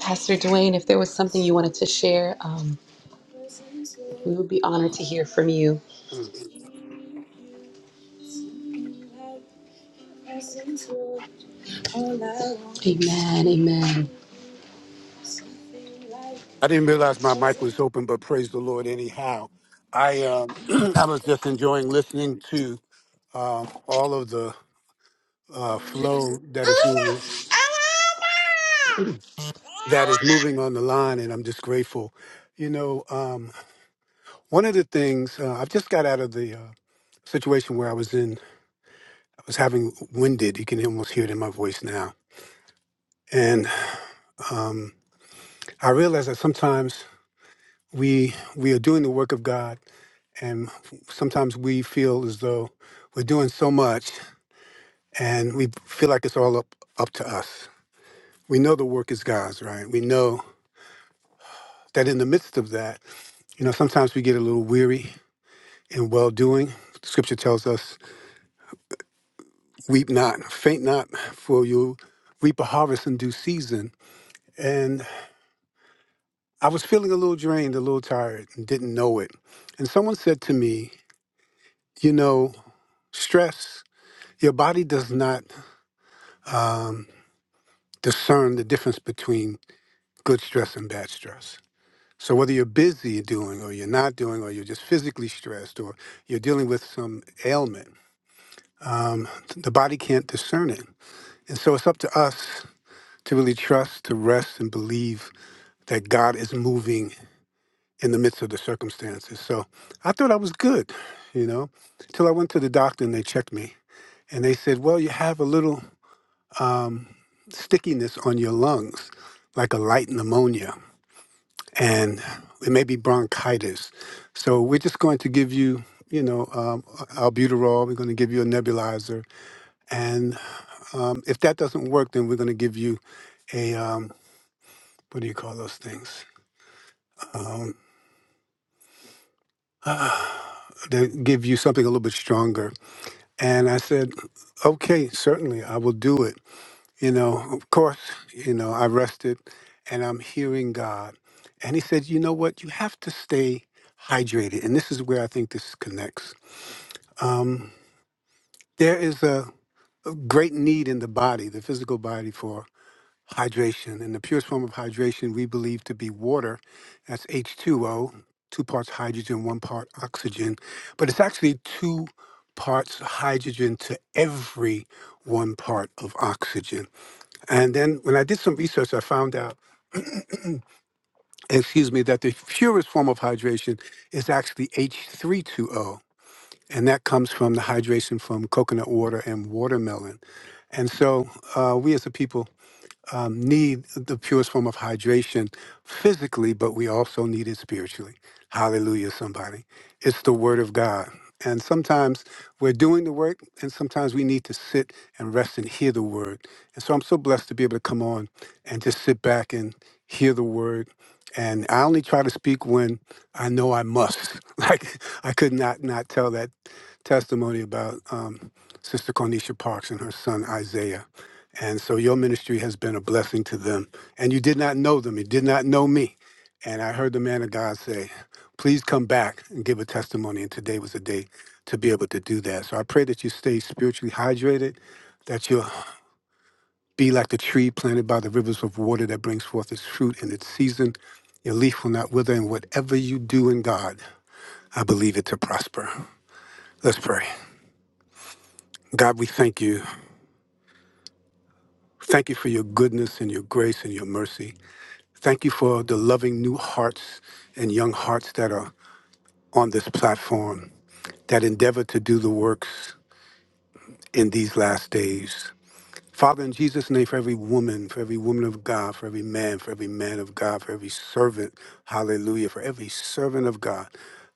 S1: Pastor Dwayne, if there was something you wanted to share, um, we would be honored to hear from you.
S6: Mm.
S1: Amen. Amen.
S6: I didn't realize my mic was open, but praise the Lord anyhow. I um I was just enjoying listening to um all of the uh flow that is moving that is moving on the line and I'm just grateful. You know, um one of the things uh, I've just got out of the uh, situation where I was in I was having winded. You can almost hear it in my voice now. And um I realized that sometimes we we are doing the work of God, and sometimes we feel as though we're doing so much, and we feel like it's all up up to us. We know the work is God's, right? We know that in the midst of that, you know, sometimes we get a little weary in well doing. Scripture tells us, "Weep not, faint not, for you reap a harvest in due season." And I was feeling a little drained, a little tired, and didn't know it. And someone said to me, "You know, stress your body does not um, discern the difference between good stress and bad stress. So whether you're busy doing or you're not doing or you're just physically stressed or you're dealing with some ailment, um, the body can't discern it. And so it's up to us to really trust, to rest, and believe that God is moving in the midst of the circumstances. So I thought I was good, you know, till I went to the doctor and they checked me. And they said, well, you have a little um, stickiness on your lungs, like a light pneumonia, and it may be bronchitis. So we're just going to give you, you know, um, albuterol. We're going to give you a nebulizer, and um, if that doesn't work, then we're going to give you a um, what do you call those things? Um, they give you something a little bit stronger. And I said, okay, certainly, I will do it. you know, of course, you know, I rested and I'm hearing God. And he said, you know what? You have to stay hydrated. And this is where I think this connects. Um, there is a, a great need in the body, the physical body, for hydration. And the purest form of hydration we believe to be water. That's H2O, two O, two parts hydrogen, one part oxygen. But it's actually two parts hydrogen to every one part of oxygen. And then when I did some research, I found out, excuse me, that the purest form of hydration is actually H32O. And that comes from the hydration from coconut water and watermelon. And so uh, we as a people um, need the purest form of hydration physically, but we also need it spiritually. Hallelujah, somebody. It's the Word of God. And sometimes we're doing the work, and sometimes we need to sit and rest and hear the Word. And so I'm so blessed to be able to come on and just sit back and hear the Word. And I only try to speak when I know I must. Like I could not not tell that testimony about um, Sister Cornisha Parks and her son Isaiah and so your ministry has been a blessing to them. And you did not know them, you did not know me. And I heard the man of God say, Please come back and give a testimony. And today was the day to be able to do that. So I pray that you stay spiritually hydrated, that you'll be like the tree planted by the rivers of water that brings forth its fruit in its season. Your leaf will not wither, and whatever you do in God, I believe it to prosper. Let's pray. God, we thank you. Thank you for your goodness and your grace and your mercy. Thank you for the loving new hearts and young hearts that are on this platform that endeavor to do the works in these last days. Father, in Jesus' name, for every woman, for every woman of God, for every man, for every man of God, for every servant, hallelujah, for every servant of God,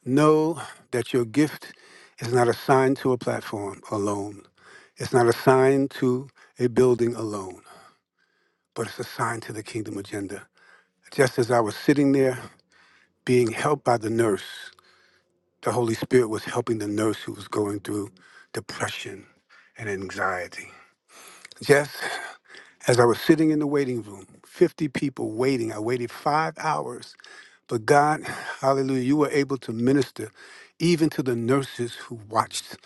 S6: know that your gift is not assigned to a platform alone. It's not assigned to a building alone, but it's assigned to the kingdom agenda. Just as I was sitting there being helped by the nurse, The Holy Spirit was helping the nurse who was going through depression and anxiety. Just as I was sitting in the waiting room, 50 people waiting, I waited five hours. But God, hallelujah, you were able to minister even to the nurses who watched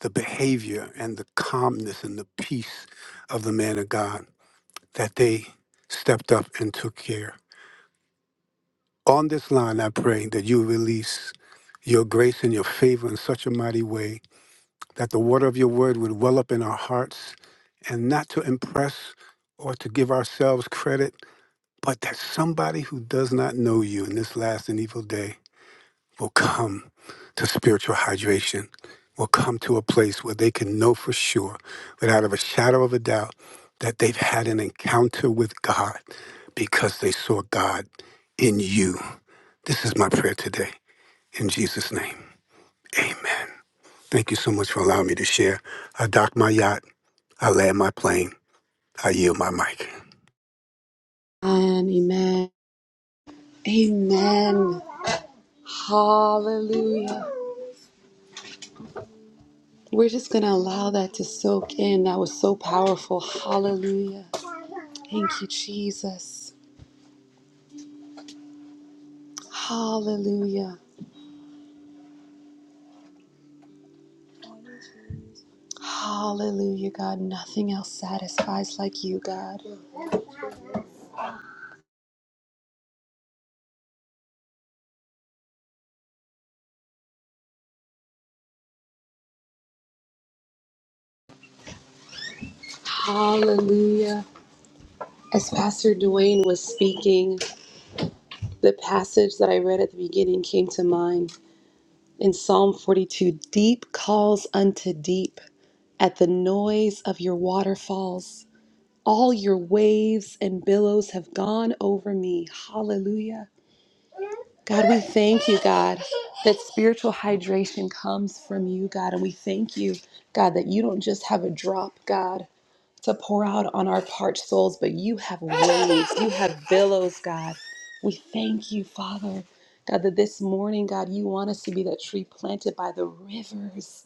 S6: the behavior and the calmness and the peace of the man of God that they stepped up and took care. On this line, I pray that you release your grace and your favor in such a mighty way that the water of your word would well up in our hearts and not to impress or to give ourselves credit, but that somebody who does not know you in this last and evil day will come to spiritual hydration, will come to a place where they can know for sure, without of a shadow of a doubt, that they've had an encounter with God because they saw God in you. This is my prayer today. In Jesus' name, amen. Thank you so much for allowing me to share. I dock my yacht I land my plane. I yield my mic.
S1: Amen. amen. Amen. Hallelujah. We're just going to allow that to soak in. That was so powerful. Hallelujah. Thank you, Jesus. Hallelujah. Hallelujah, God. Nothing else satisfies like you, God. Hallelujah. As Pastor Dwayne was speaking, the passage that I read at the beginning came to mind in Psalm 42 Deep calls unto deep at the noise of your waterfalls. All your waves and billows have gone over me. Hallelujah. God, we thank you, God, that spiritual hydration comes from you, God. And we thank you, God, that you don't just have a drop, God, to pour out on our parched souls, but you have waves, you have billows, God. We thank you, Father, God, that this morning, God, you want us to be that tree planted by the rivers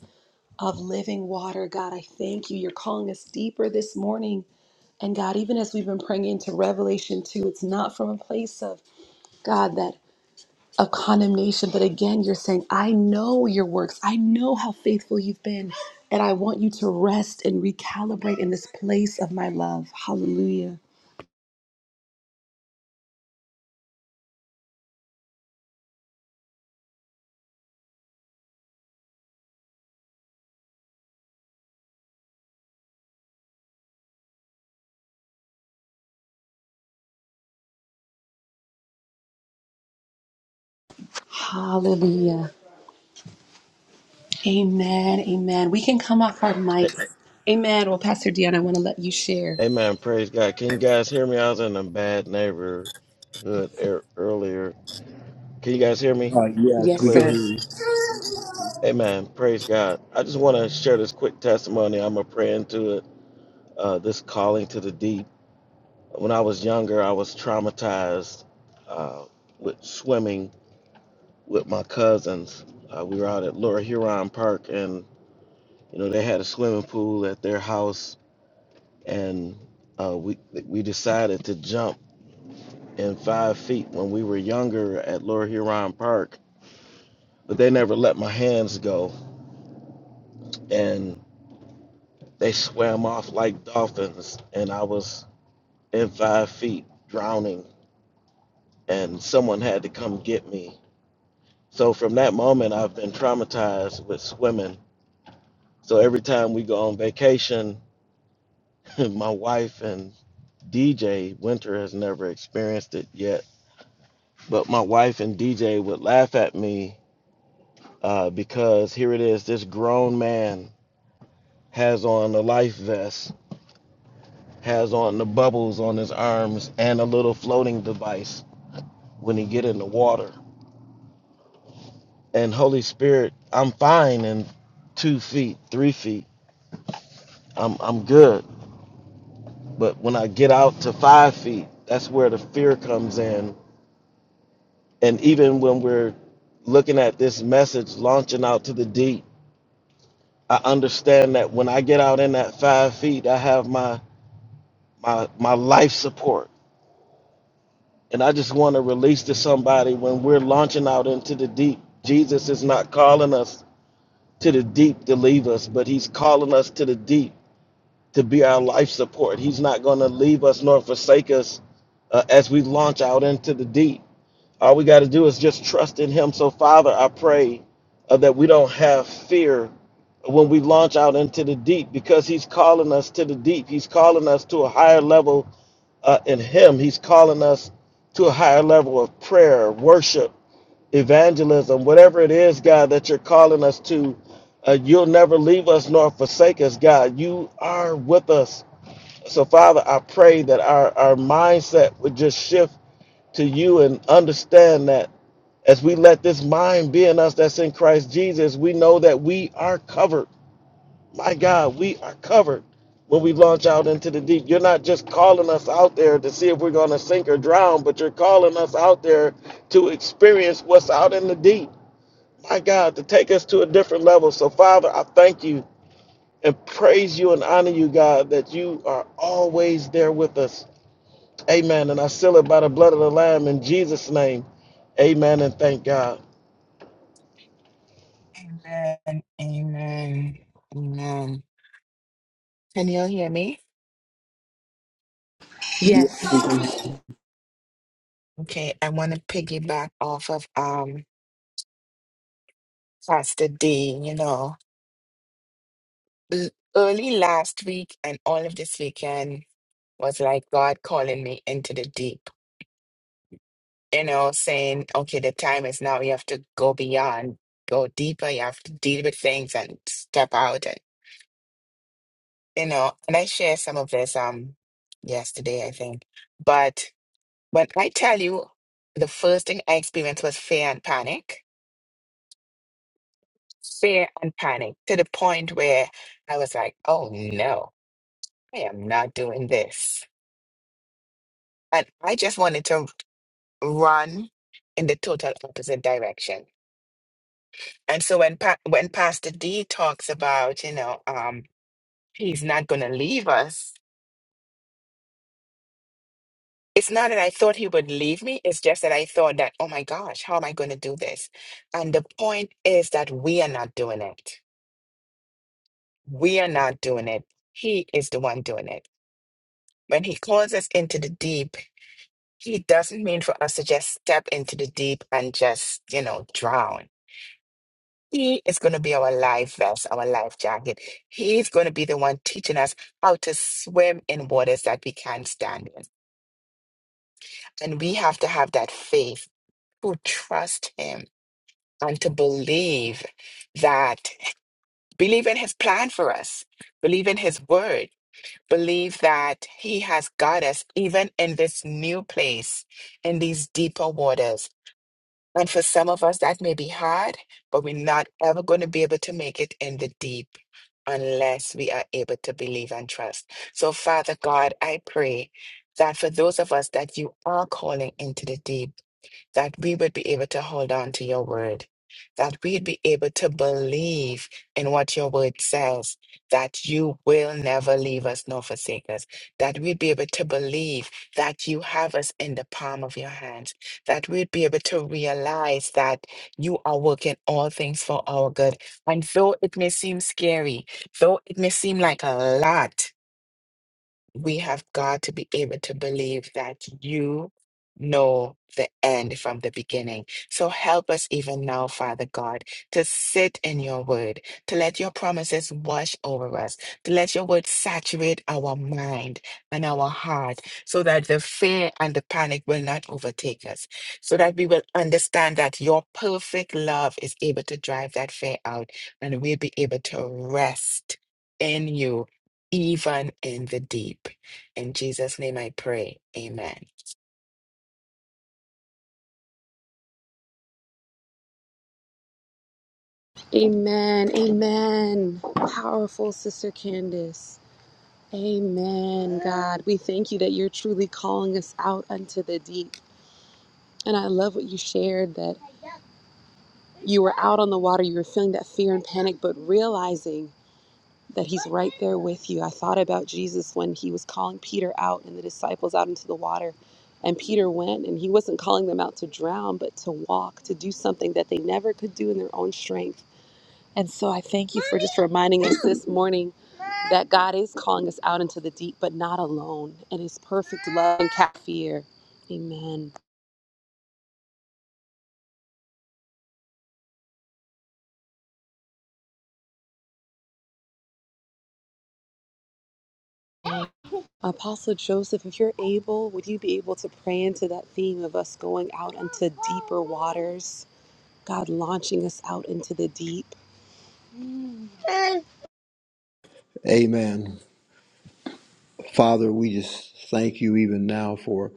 S1: of living water, God. I thank you. You're calling us deeper this morning. And God, even as we've been praying into Revelation 2, it's not from a place of, God, that of condemnation. But again, you're saying, I know your works. I know how faithful you've been. And I want you to rest and recalibrate in this place of my love. Hallelujah. Hallelujah. Amen. Amen. We can come off our mics.
S7: A-
S1: Amen. Well, Pastor Dion, I want to let you share.
S7: Amen. Praise God. Can you guys hear me? I was in a bad neighborhood er- earlier. Can you guys hear me
S3: Uh, yes,
S1: Yes,
S3: we can
S7: clearly?
S1: sir.
S3: hear you.
S7: Amen. Praise God. I just want to share this quick testimony. I'm going to pray into it. Uh, this calling to the deep. When I was younger, I was traumatized uh, with swimming with my cousins. Uh, we were out at Laura Huron Park and. You know, they had a swimming pool at their house, and uh, we we decided to jump in five feet when we were younger at Lower Huron Park, but they never let my hands go, and they swam off like dolphins, and I was in five feet drowning, and someone had to come get me. So from that moment, I've been traumatized with swimming. So every time we go on vacation, my wife and DJ Winter has never experienced it yet But my wife and DJ would laugh at me uh, because here it is this grown man has on a life vest, has on the bubbles on his arms, and a little floating device when he get in the water. And Holy Spirit, I'm fine in two feet, three feet. I'm I'm good. But when I get out to five feet, that's where the fear comes in. And even when we're looking at this message launching out to the deep I understand that when I get out in that five feet, I have my my my life support, and I just want to release to somebody when we're launching out into the deep. Jesus is not calling us to the deep to leave us, but He's calling us to the deep to be our life support. He's not going to leave us nor forsake us uh, as we launch out into the deep. All we got to do is just trust in Him. So, Father, I pray uh, that we don't have fear when we launch out into the deep because He's calling us to the deep. He's calling us to a higher level uh, in Him. He's calling us to a higher level of prayer, worship, evangelism, whatever it is, God, that you're calling us to. Uh, you'll never leave us nor forsake us, God. You are with us. So, Father, I pray that our, our mindset would just shift to you and understand that. As we let this mind be in us that's in Christ Jesus, we know that we are covered. My God, we are covered when we launch out into the deep. You're not just calling us out there to see if we're going to sink or drown, but you're calling us out there to experience what's out in the deep. My God, to take us to a different level. So, Father, I thank you and praise you and honor you, God, that you are always there with us. Amen. And I seal it by the blood of the Lamb in Jesus' name. Amen. And thank God.
S5: Amen. Amen. Amen. Can you hear me?
S3: Yes, we
S1: Yes.
S3: can hear you.
S5: Okay, I want to piggyback off of um Pastor D, you know. L- Early last week and all of this weekend was like God calling me into the deep. you know, saying, okay, the time is now. You have to go beyond, go deeper. You have to deal with things and step out. And, you know, and I shared some of this um yesterday, I think. But when I tell you, the first thing I experienced was fear and panic, fear and panic to the point where I was like, oh no, I am not doing this. And I just wanted to run in the total opposite direction And so when pa- when Pastor D talks about, you know, um, he's not going to leave us, it's not that I thought he would leave me. It's just that I thought that, oh my gosh, how am I going to do this? And the point is that we are not doing it. We are not doing it. He is the one doing it. When he calls us into the deep, he doesn't mean for us to just step into the deep and just, you know, drown. He is going to be our life vest, our life jacket. He's going to be the one teaching us how to swim in waters that we can't stand in. And we have to have that faith to trust him and to believe that, believe in his plan for us, believe in his word, believe that he has got us even in this new place, in these deeper waters. And for some of us, that may be hard, but we're not ever going to be able to make it in the deep unless we are able to believe and trust. So, Father God, I pray that for those of us that you are calling into the deep, that we would be able to hold on to your word, that we'd be able to believe in what your word says, that you will never leave us nor forsake us, that we'd be able to believe that you have us in the palm of your hands, that we'd be able to realize that you are working all things for our good. And though it may seem scary, though it may seem like a lot, we have got to be able to believe that you know the end from the beginning. So help us even now, Father God, to sit in your word, to let your promises wash over us, to let your word saturate our mind and our heart so that the fear and the panic will not overtake us, so that we will understand that your perfect love is able to drive that fear out and we'll be able to rest in you even in the deep. In Jesus' name I pray. Amen.
S1: Amen. Amen. Powerful Sister Candace. Amen, God. We thank you that you're truly calling us out unto the deep. And I love what you shared that. You were out on the water, you were feeling that fear and panic, but realizing that he's right there with you. I thought about Jesus when he was calling Peter out and the disciples out into the water. And Peter went, and he wasn't calling them out to drown, but to walk, to do something that they never could do in their own strength. And so I thank you for just reminding us this morning that God is calling us out into the deep, but not alone, and his perfect love and cat fear. Amen. Apostle Joseph, if you're able, would you be able to pray into that theme of us going out into deeper waters? God launching us out into the deep.
S3: Amen. Father, we just thank you even now for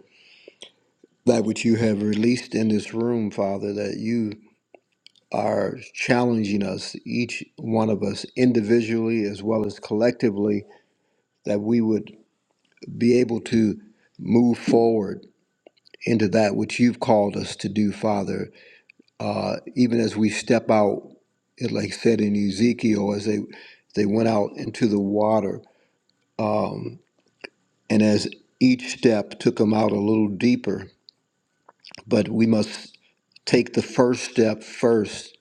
S3: that which you have released in this room, Father, that you are challenging us, each one of us individually as well as collectively, that we would be able to move forward into that which you've called us to do, Father. Uh, even as we step out, it like said in Ezekiel, as they they went out into the water, um, and as each step took them out a little deeper but we must take the first step first.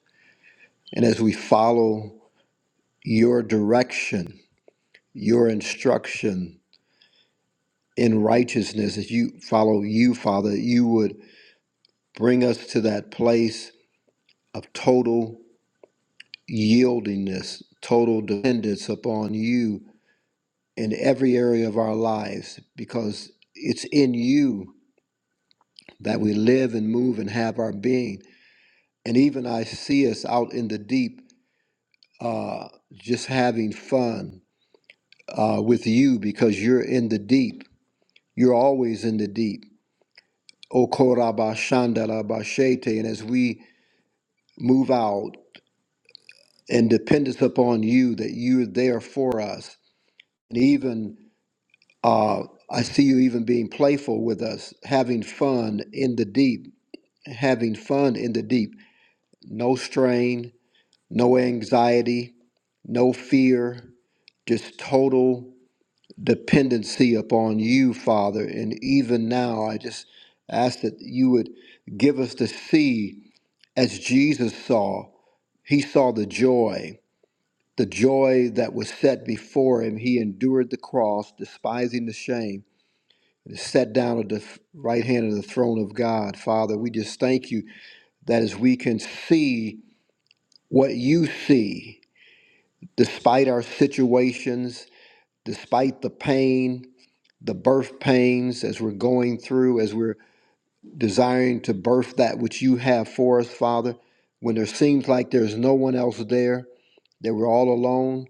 S3: And as we follow your direction, your instruction in righteousness, as you follow you, Father, you would bring us to that place of total yieldingness, total dependence upon you in every area of our lives, because it's in you that we live and move and have our being. And even I see us out in the deep uh, just having fun uh, with you because you're in the deep. You're always in the deep. O Okorabashandarabashete. And as we move out and dependence upon you, that you're there for us. And even uh, I see you even being playful with us, having fun in the deep, having fun in the deep. No strain, no anxiety, no fear, just total dependency upon you, Father. And even now, I just ask that you would give us to see as Jesus saw. He saw the joy, the joy that was set before him. He endured the cross, despising the shame, and is set down at the right hand of the throne of God. Father, we just thank you that as we can see what you see, despite our situations, despite the pain, the birth pains as we're going through, as we're desiring to birth that which you have for us, Father, when there seems like there's no one else there, that we're all alone,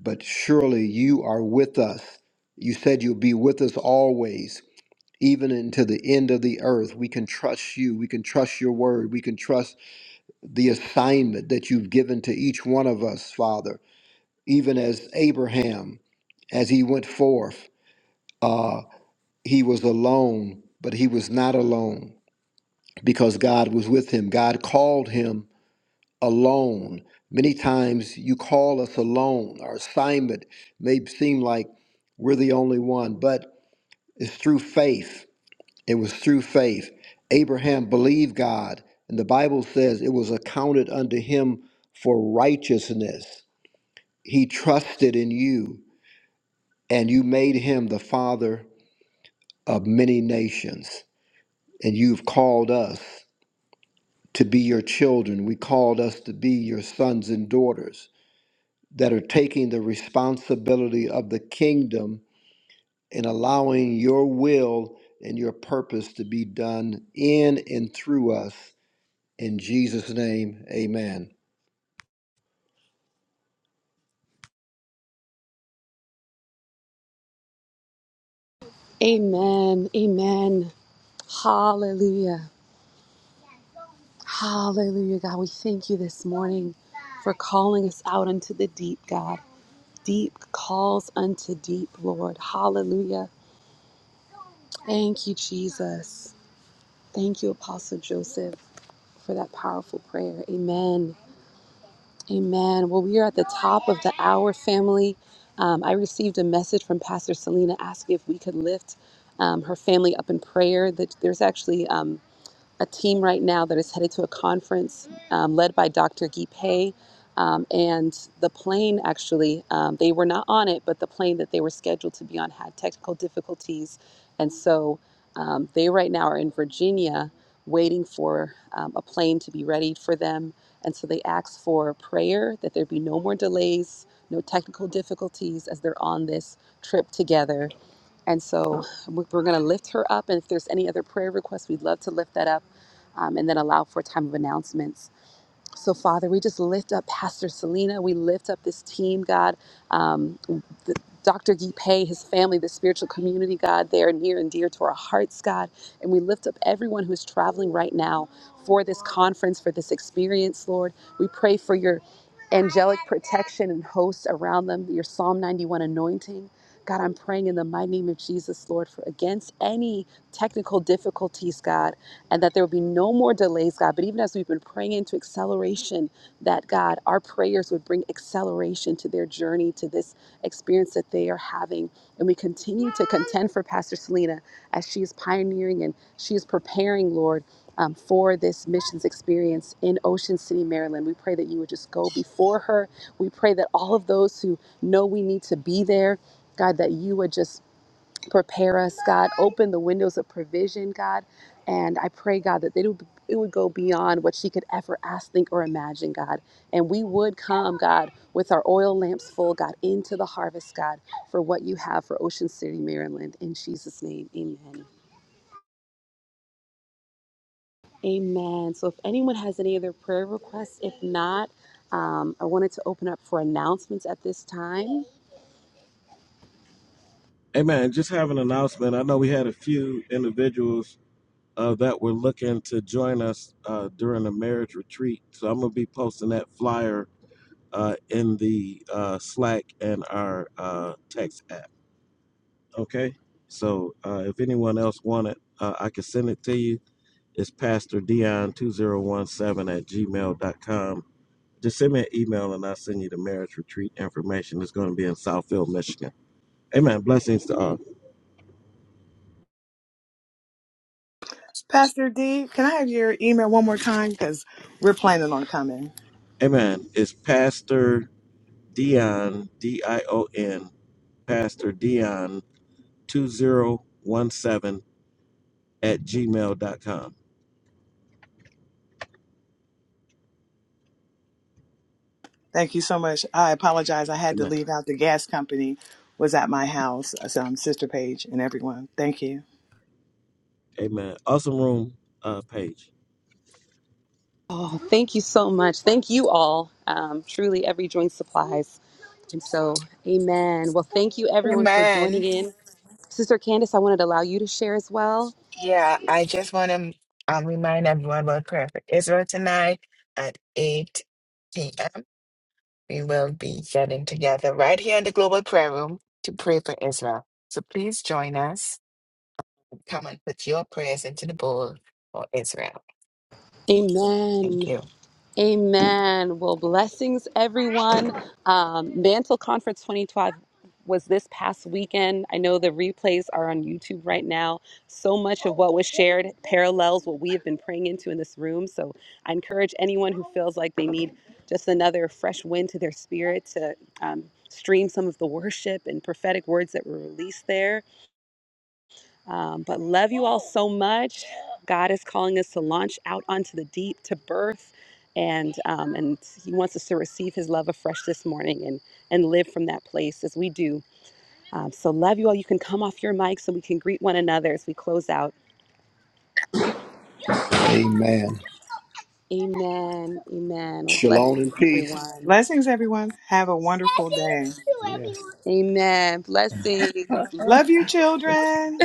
S3: but surely you are with us. You said you'll be with us always, even until the end of the earth. We can trust you. We can trust your word. We can trust the assignment that you've given to each one of us, Father. Even as Abraham, as he went forth, uh, he was alone, but he was not alone because God was with him. God called him alone. Many times you call us alone. Our assignment may seem like we're the only one, but it's through faith. It was through faith. Abraham believed God, and the Bible says it was accounted unto him for righteousness. He trusted in you, and you made him the father of many nations. And you've called us to be your children. We called us to be your sons and daughters. that are taking the responsibility of the kingdom and allowing your will and your purpose to be done in and through us. In Jesus' name, amen.
S1: Amen. Amen. Hallelujah. Hallelujah, God. We thank you this morning for calling us out into the deep, God. Deep calls unto deep, Lord. Hallelujah. Thank you, Jesus. Thank you, Apostle Joseph, for that powerful prayer. Amen. Amen. Well, we are at the top of the hour, family. Um, I received a message from Pastor Selena asking if we could lift um, her family up in prayer. That there's actually um, a team right now that is headed to a conference um, led by Dr. Guy Pei. Um, and the plane actually, um, they were not on it, but the plane that they were scheduled to be on had technical difficulties. And so um, they right now are in Virginia waiting for um, a plane to be ready for them. And so they asked for prayer that there be no more delays, no technical difficulties as they're on this trip together and so we- we're going to lift her up. And if there's any other prayer requests, we'd love to lift that up um, and then allow for a time of announcements. So, Father, we just lift up Pastor Selena. We lift up this team, God. Um, the, Dr. Guy Pei, his family, the spiritual community, God, they are near and dear to our hearts, God. And we lift up everyone who is traveling right now for this conference, for this experience, Lord. We pray for your angelic protection and hosts around them, your Psalm 91 anointing. God, I'm praying in the mighty name of Jesus, Lord, for against any technical difficulties, God and that there would be no more delays, God. But even as we've been praying into acceleration, that God, our prayers would bring acceleration to their journey, to this experience that they are having. And we continue to contend for Pastor Selena as she is pioneering and she is preparing, Lord. um, for this missions experience in Ocean City, Maryland. We pray that you would just go before her. We pray that all of those who know we need to be there, God, that you would just prepare us, God. Open the windows of provision, God. And I pray, God, that it would, it would go beyond what she could ever ask, think, or imagine, God. And we would come, God, with our oil lamps full, God, into the harvest, God, for what you have for Ocean City, Maryland. In Jesus' name, amen. Amen. So if anyone has any other prayer requests, if not, um, I wanted to open up for announcements at this time.
S7: Hey man, just have an announcement. I know we had a few individuals uh, that were looking to join us uh, during the marriage retreat. So I'm going to be posting that flyer uh, in the uh, Slack and our uh, text app. Okay. So uh, if anyone else want it, uh, I can send it to you. It's Pastor Dion2017 at gmail dot com. Just send me an email and I'll send you the marriage retreat information. It's going to be in Southfield, Michigan. Amen. Blessings to all.
S2: Pastor D, can I have your email one more time? Because we're planning on coming.
S7: Amen. It's Pastor Dion, D I O N, Pastor Dion 2017 at gmail dot com.
S2: Thank you so much. I apologize. I had to
S7: Amen.
S2: leave out. The gas company was at my house. uh, So I'm Sister Paige and everyone. Thank you.
S7: Amen. Awesome room uh, page.
S1: Oh, thank you so much. Thank you all. Um, truly, every joint supplies. And so, amen. Well, thank you everyone for joining
S5: Amen.
S1: in. Sister Candace, I wanted to allow you to share as well.
S5: Yeah, I just want to um, remind everyone about prayer for Israel tonight at 8 p.m. We will be getting together right here in the Global Prayer Room to pray for Israel. So please join us. Come and put your prayers into the bowl for Israel. Thank
S1: Amen.
S5: you.
S1: Amen. Well, blessings, everyone. Um, Mantle Conference 2012 was this past weekend. I know the replays are on YouTube right now. So much of what was shared parallels what we have been praying into in this room. So I encourage anyone who feels like they need just another fresh wind to their spirit to um, stream some of the worship and prophetic words that were released there. Um, but love you all so much. God is calling us to launch out onto the deep to birth, and um, and He wants us to receive His love afresh this morning and and live from that place as we do. Um, so love you all. You can come off your mics so we can greet one another as we close out.
S3: Amen.
S1: Amen. Amen. Well,
S3: Shalom
S1: blessings,
S3: and peace.
S1: everyone.
S2: Blessings, everyone. Have a wonderful day.
S3: Yes.
S1: Amen. Blessings.
S2: Love you, children.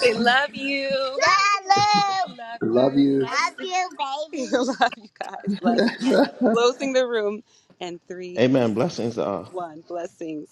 S1: Say love you. Love
S3: Love
S1: you.
S3: you.
S1: Baby. love you guys. Blessings. Closing the room. And three,
S7: Amen. Blessings. Uh,
S1: one. Blessings.